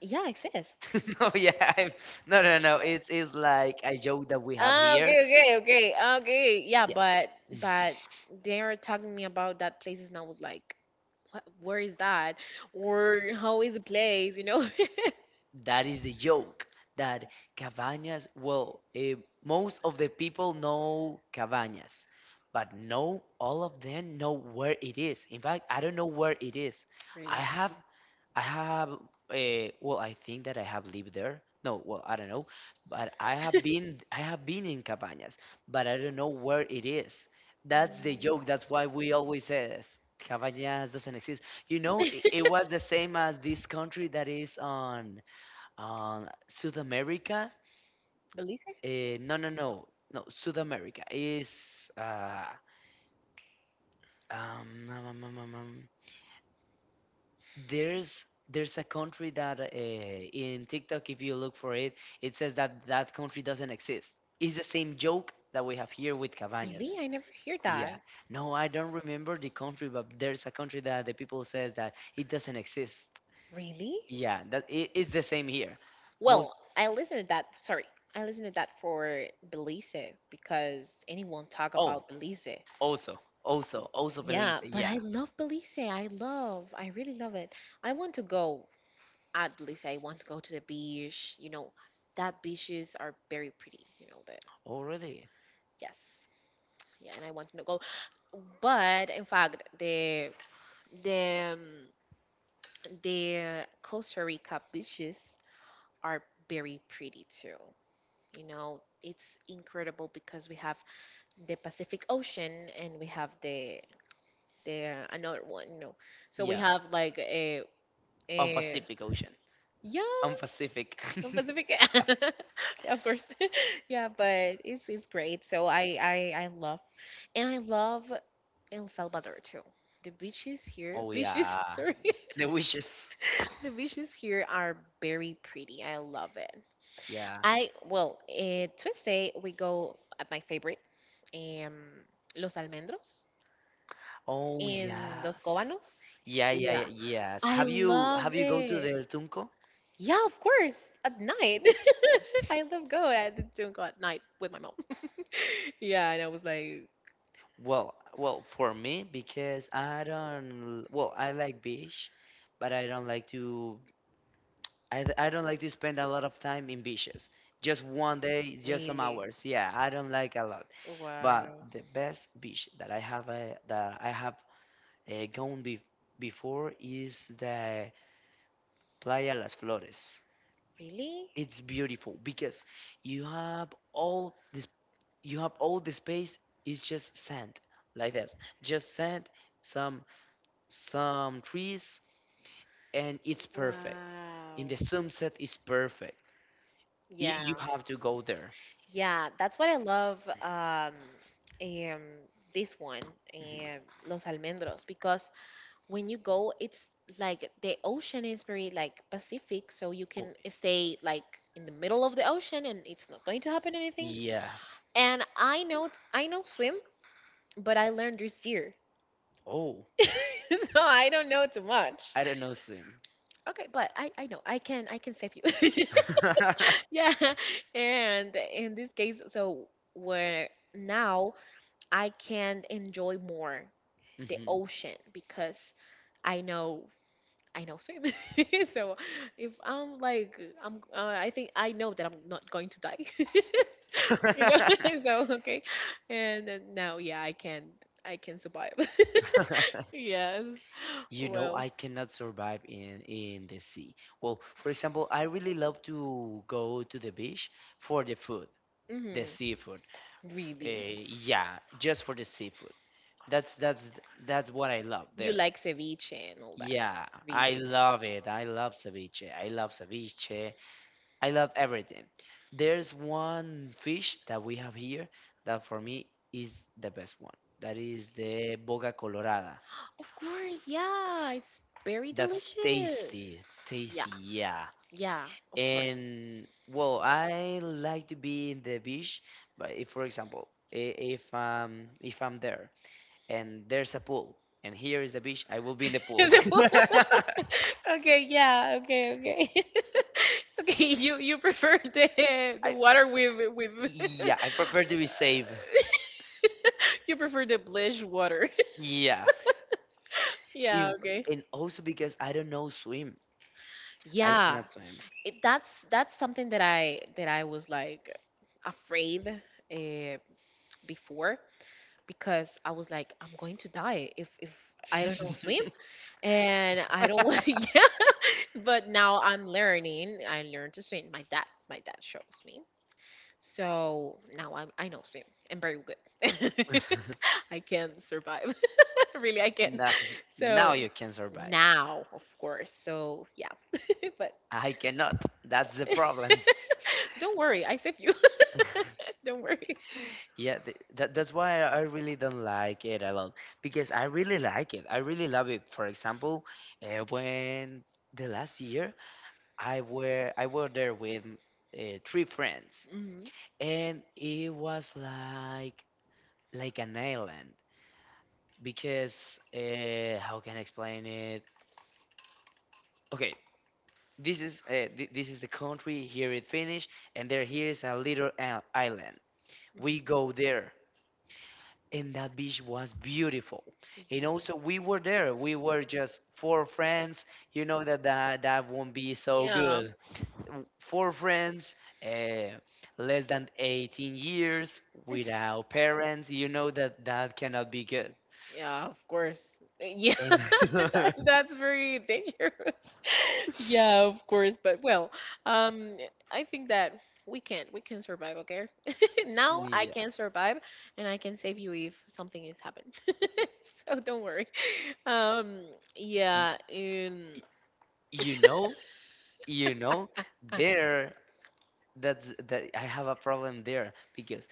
yeah, exist.
No, yeah, I'm, no, no, no. It's like a joke that we have
Ah,
here.
okay, okay, okay, okay. Yeah, but they are talking me about that places, and I was like, what, where is that? Or how is the place? You know?
That is the joke that Cabañas, well, most of the people know Cabañas, but no, all of them know where it is. In fact, I don't know where it is. I
Really,
have, I have, well, I think that I have lived there. No, well, I don't know, but I have been in Cabañas, but I don't know where it is. That's the joke. That's why we always say this. Cabañas doesn't exist. You know, it was the same as this country that is on. South America?
Belize?
No, no,
Well,
no, no. South America is um, um, um, um, um, um, there's a country that in TikTok, if you look for it, it says that country doesn't exist. It's the same joke that we have here with
really,
Cabañas.
I never hear
Yeah.
that.
No, I don't remember the country, but there's a country that the people says that it doesn't exist.
Really?
Yeah, that it's the same here. Most
Well, I listened to that. Sorry, I listened to that for Belize because anyone talk
Oh,
about Belize.
also, also, also Belize.
Yeah, but
Yeah.
I love Belize. I love, I really love it. I want to go at Belize. I want to go to the beach. You know, that beaches are very pretty. You know that.
Oh, really?
Yes. Yeah, and I want to go. But in fact, the um, the Costa Rica beaches are very pretty too. You know, it's incredible because we have the Pacific Ocean, and we have the another one, you know. So we
Yeah.
have like
On
a
Pacific Ocean.
yeah,
On Pacific.
the Pacific. Yeah, of course. Yeah, but it's great. So I love, and I love El Salvador too. The beaches here,
Oh
beaches,
yeah.
sorry,
The wishes.
the beaches here are very pretty. I love it.
Yeah.
I well, Tuesday we go at my favorite, um, Los Almendros,
Oh
in Los
yes.
Cobanos.
Yeah, yeah, yeah,
Yeah,
yes.
I
Have you
love
have you go to the
it.
El Tunco?
Yeah, of course, at night. I love going at to go at night with my mom. Yeah, and I was like,
Well, well, for me because I don't. Well, I like beach, but I don't like to I don't like to spend a lot of time in beaches. Just one day, just some
really?
hours. Yeah, I don't like a lot. But
Wow.
the best beach that I have gone be before is the Playa Las Flores.
Really?
It's beautiful because you have all this you have all the space is just sand like this. Just sand, some some trees and it's perfect. In
Wow.
the sunset it's perfect. You
Yeah.
have to go there.
Yeah, that's what I love, um, this one,
Mhm.
um, Los Almendros, because when you go it's like the ocean is very like pacific so you
Oh,
can stay like in the middle of the ocean and it's not going to happen anything.
yes.
And I know, I know swim, but I learned this year.
Oh,
So I don't know too much.
I don't know swim.
Okay, but I know I can, I can save you. Yeah, and in this case, so where now I can enjoy more the
Hmm
ocean because i know I know swim. So if I'm like I'm, I think I know that I'm not going to die. You know, so okay. And then now, yeah, I can survive. Yes.
You know,
Well,
I cannot survive in the sea. Well, for example, I really love to go to the beach for the food, the
hmm,
seafood.
really.
Yeah, just for the seafood. That's that's that's what I love
You
there.
like ceviche and all that.
Yeah, I
Really.
love it. I love ceviche. I love ceviche. I love everything. There's one fish that we have here that for me is the best one. That is the boga colorada.
Of course. Yeah, it's very
That's tasty,
delicious. Yeah.
tasty, yeah.
Yeah, of course.
And well, I like to be in the beach, but if, for example, if I'm there and there's a pool and here is the beach, I will be in the pool.
The food. Okay, yeah, okay, okay. Okay, you prefer the
I,
water with
yeah, I prefer to be safe.
you prefer the bleach water.
Yeah.
Yeah,
If,
okay.
and also because I don't know swim. I
Yeah.
cannot swim.
It, that's something that I was like afraid, uh, before because I was like I'm going to die if I don't know swim and I don't want. Yeah, but now I'm learning, I learned to swim. My dad shows me. So now I'm, I know swim. I'm very good. I can survive. Really, I can.
Now, now
So
you can survive.
now, of course. So yeah, but
I cannot. That's the problem.
don't worry. I saved you. Don't worry.
Yeah, th that, that's why I really don't like it a lot because I really like it. I really love it. For example, when the last year I were there with three friends,
Mhm, mhm.
and it was like an island because how can I explain it? Okay, this is this is the country. Here it Finnish, and there here is a little island. We
Really.
go there, and that beach was beautiful. And also we were there. We were just four friends. You know that that won't be so
Yeah.
good. Four friends, uh, less than 18 years, without parents. You know that that cannot be good.
Yeah, of course. Yeah,
And
that's very dangerous. Yeah, of course. But well, um, I think that we can survive. Okay, now I
yeah
can survive, and I can save you if something has happened. So don't worry. Um,
y-
yeah. In
you know you know there That's that I have a problem there because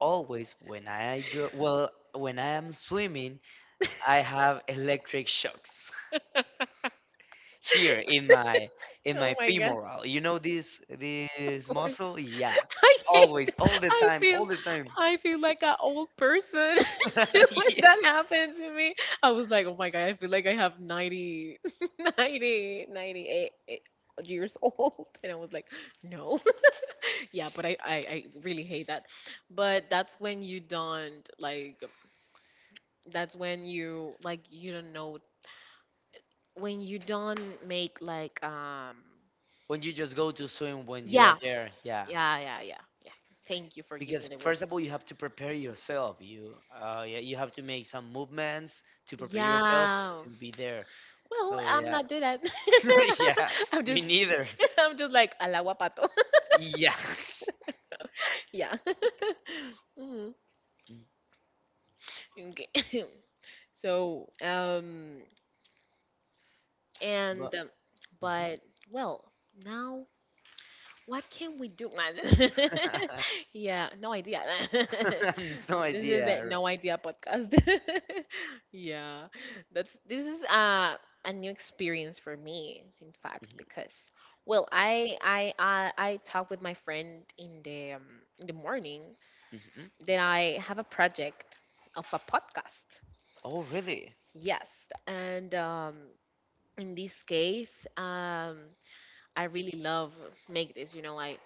always when I go, well, when I am swimming, I have electric shocks here in
oh
my
my god,
femoral. You know
of
this
course.
muscle? Yeah.
I hate.
Always, all the
I
time,
feel
all the time.
I feel like an old person when
Yeah.
that happened to me. I was like, oh my god, I feel like I have 90, 90, 98 years old. And I was like, no. Yeah, but I really hate that. But that's when you don't like that's when you like you don't know when you don't make like
When you just go to swim when you
yeah.
are there, yeah.
Yeah, yeah, yeah, yeah. Thank you for giving me
Because
the
first
words.
of all, you have to prepare yourself. You yeah, you have to make some movements to prepare yourself
Yeah.
to be there.
Well,
So
I'm
yeah.
not doing that.
Yeah,
I'm
me
just
neither.
I'm just like al agua pato.
Yeah,
Yeah. Mhm. Okay. So, and
but
but well, now what can we do?
Mhm.
Yeah, no idea. This
No
is a
idea.
no idea podcast. Yeah, that's this is, a new experience for me, in fact,
Mhm,
because well, I talk with my friend in the morning
mhm.
that I have a project of a podcast.
Oh, really?
Yes, and in this case, I really love make this. You know, I,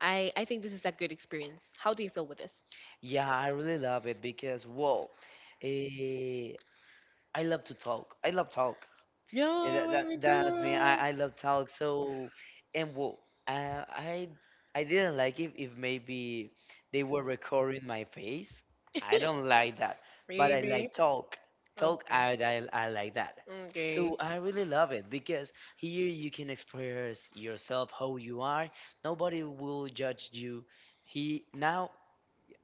I, I think this is a good experience. How do you feel with this?
Yeah, I really love it because, well, eh, I love to talk. I love talk. Yeah,
Yeah, let me
That's me.
too.
I love talk. So, and well, uh, I didn't like it if maybe they were recording my face. I don't like that, but I like
Really?
talk. Talk,
Okay.
I like that.
Okay.
So I really love it because here you can express yourself how you are. Nobody will judge you. He now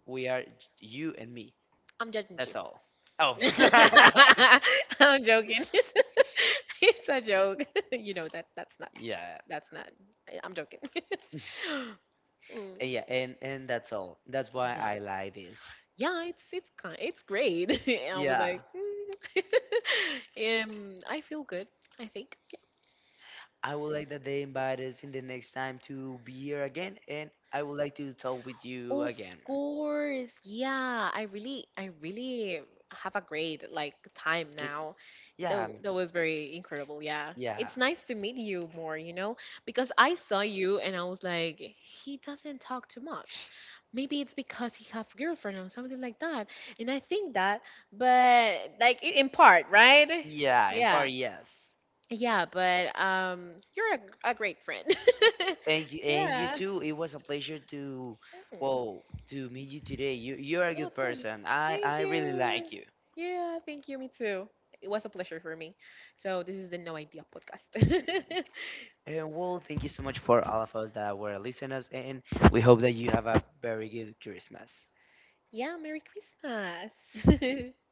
we are you and me.
I'm judging you.
That's all. Oh,
I'm joking. It's a joke. You know that
yeah.
that's not. I- I'm joking. Mm.
Yeah, and that's all. That's why
Yeah.
I like this.
Yeah, it's kind, it's great. And I was
Yeah,
like, mm. I feel good. I think. Yeah.
I would like that they invite us in the next time to be here again, and I would like to talk with you
Of
again.
course, yeah. I really have a great like time
Like,
now.
yeah,
Though
me
that
too.
was very incredible. Yeah,
Yeah,
it's nice to meet you more. You know, because I saw you and I was like, he doesn't talk too much. Maybe it's because he have girlfriend or something like that. And I think that, but like I- in part, right?
yeah, in
Yeah.
part, yes.
Yeah, but you're a great friend.
Thank you, and you
Yeah.
too. It was a pleasure to,
Hmm.
well, to meet you today. You're a
Yeah,
good
of course.
person.
Thank
I really
you.
like you.
Yeah, thank you. Me too. It was a pleasure for me. So this is the No Idea podcast.
And well, thank you so much for all of us that were listeners, and we hope that you have a very good Christmas.
Yeah, Merry Christmas.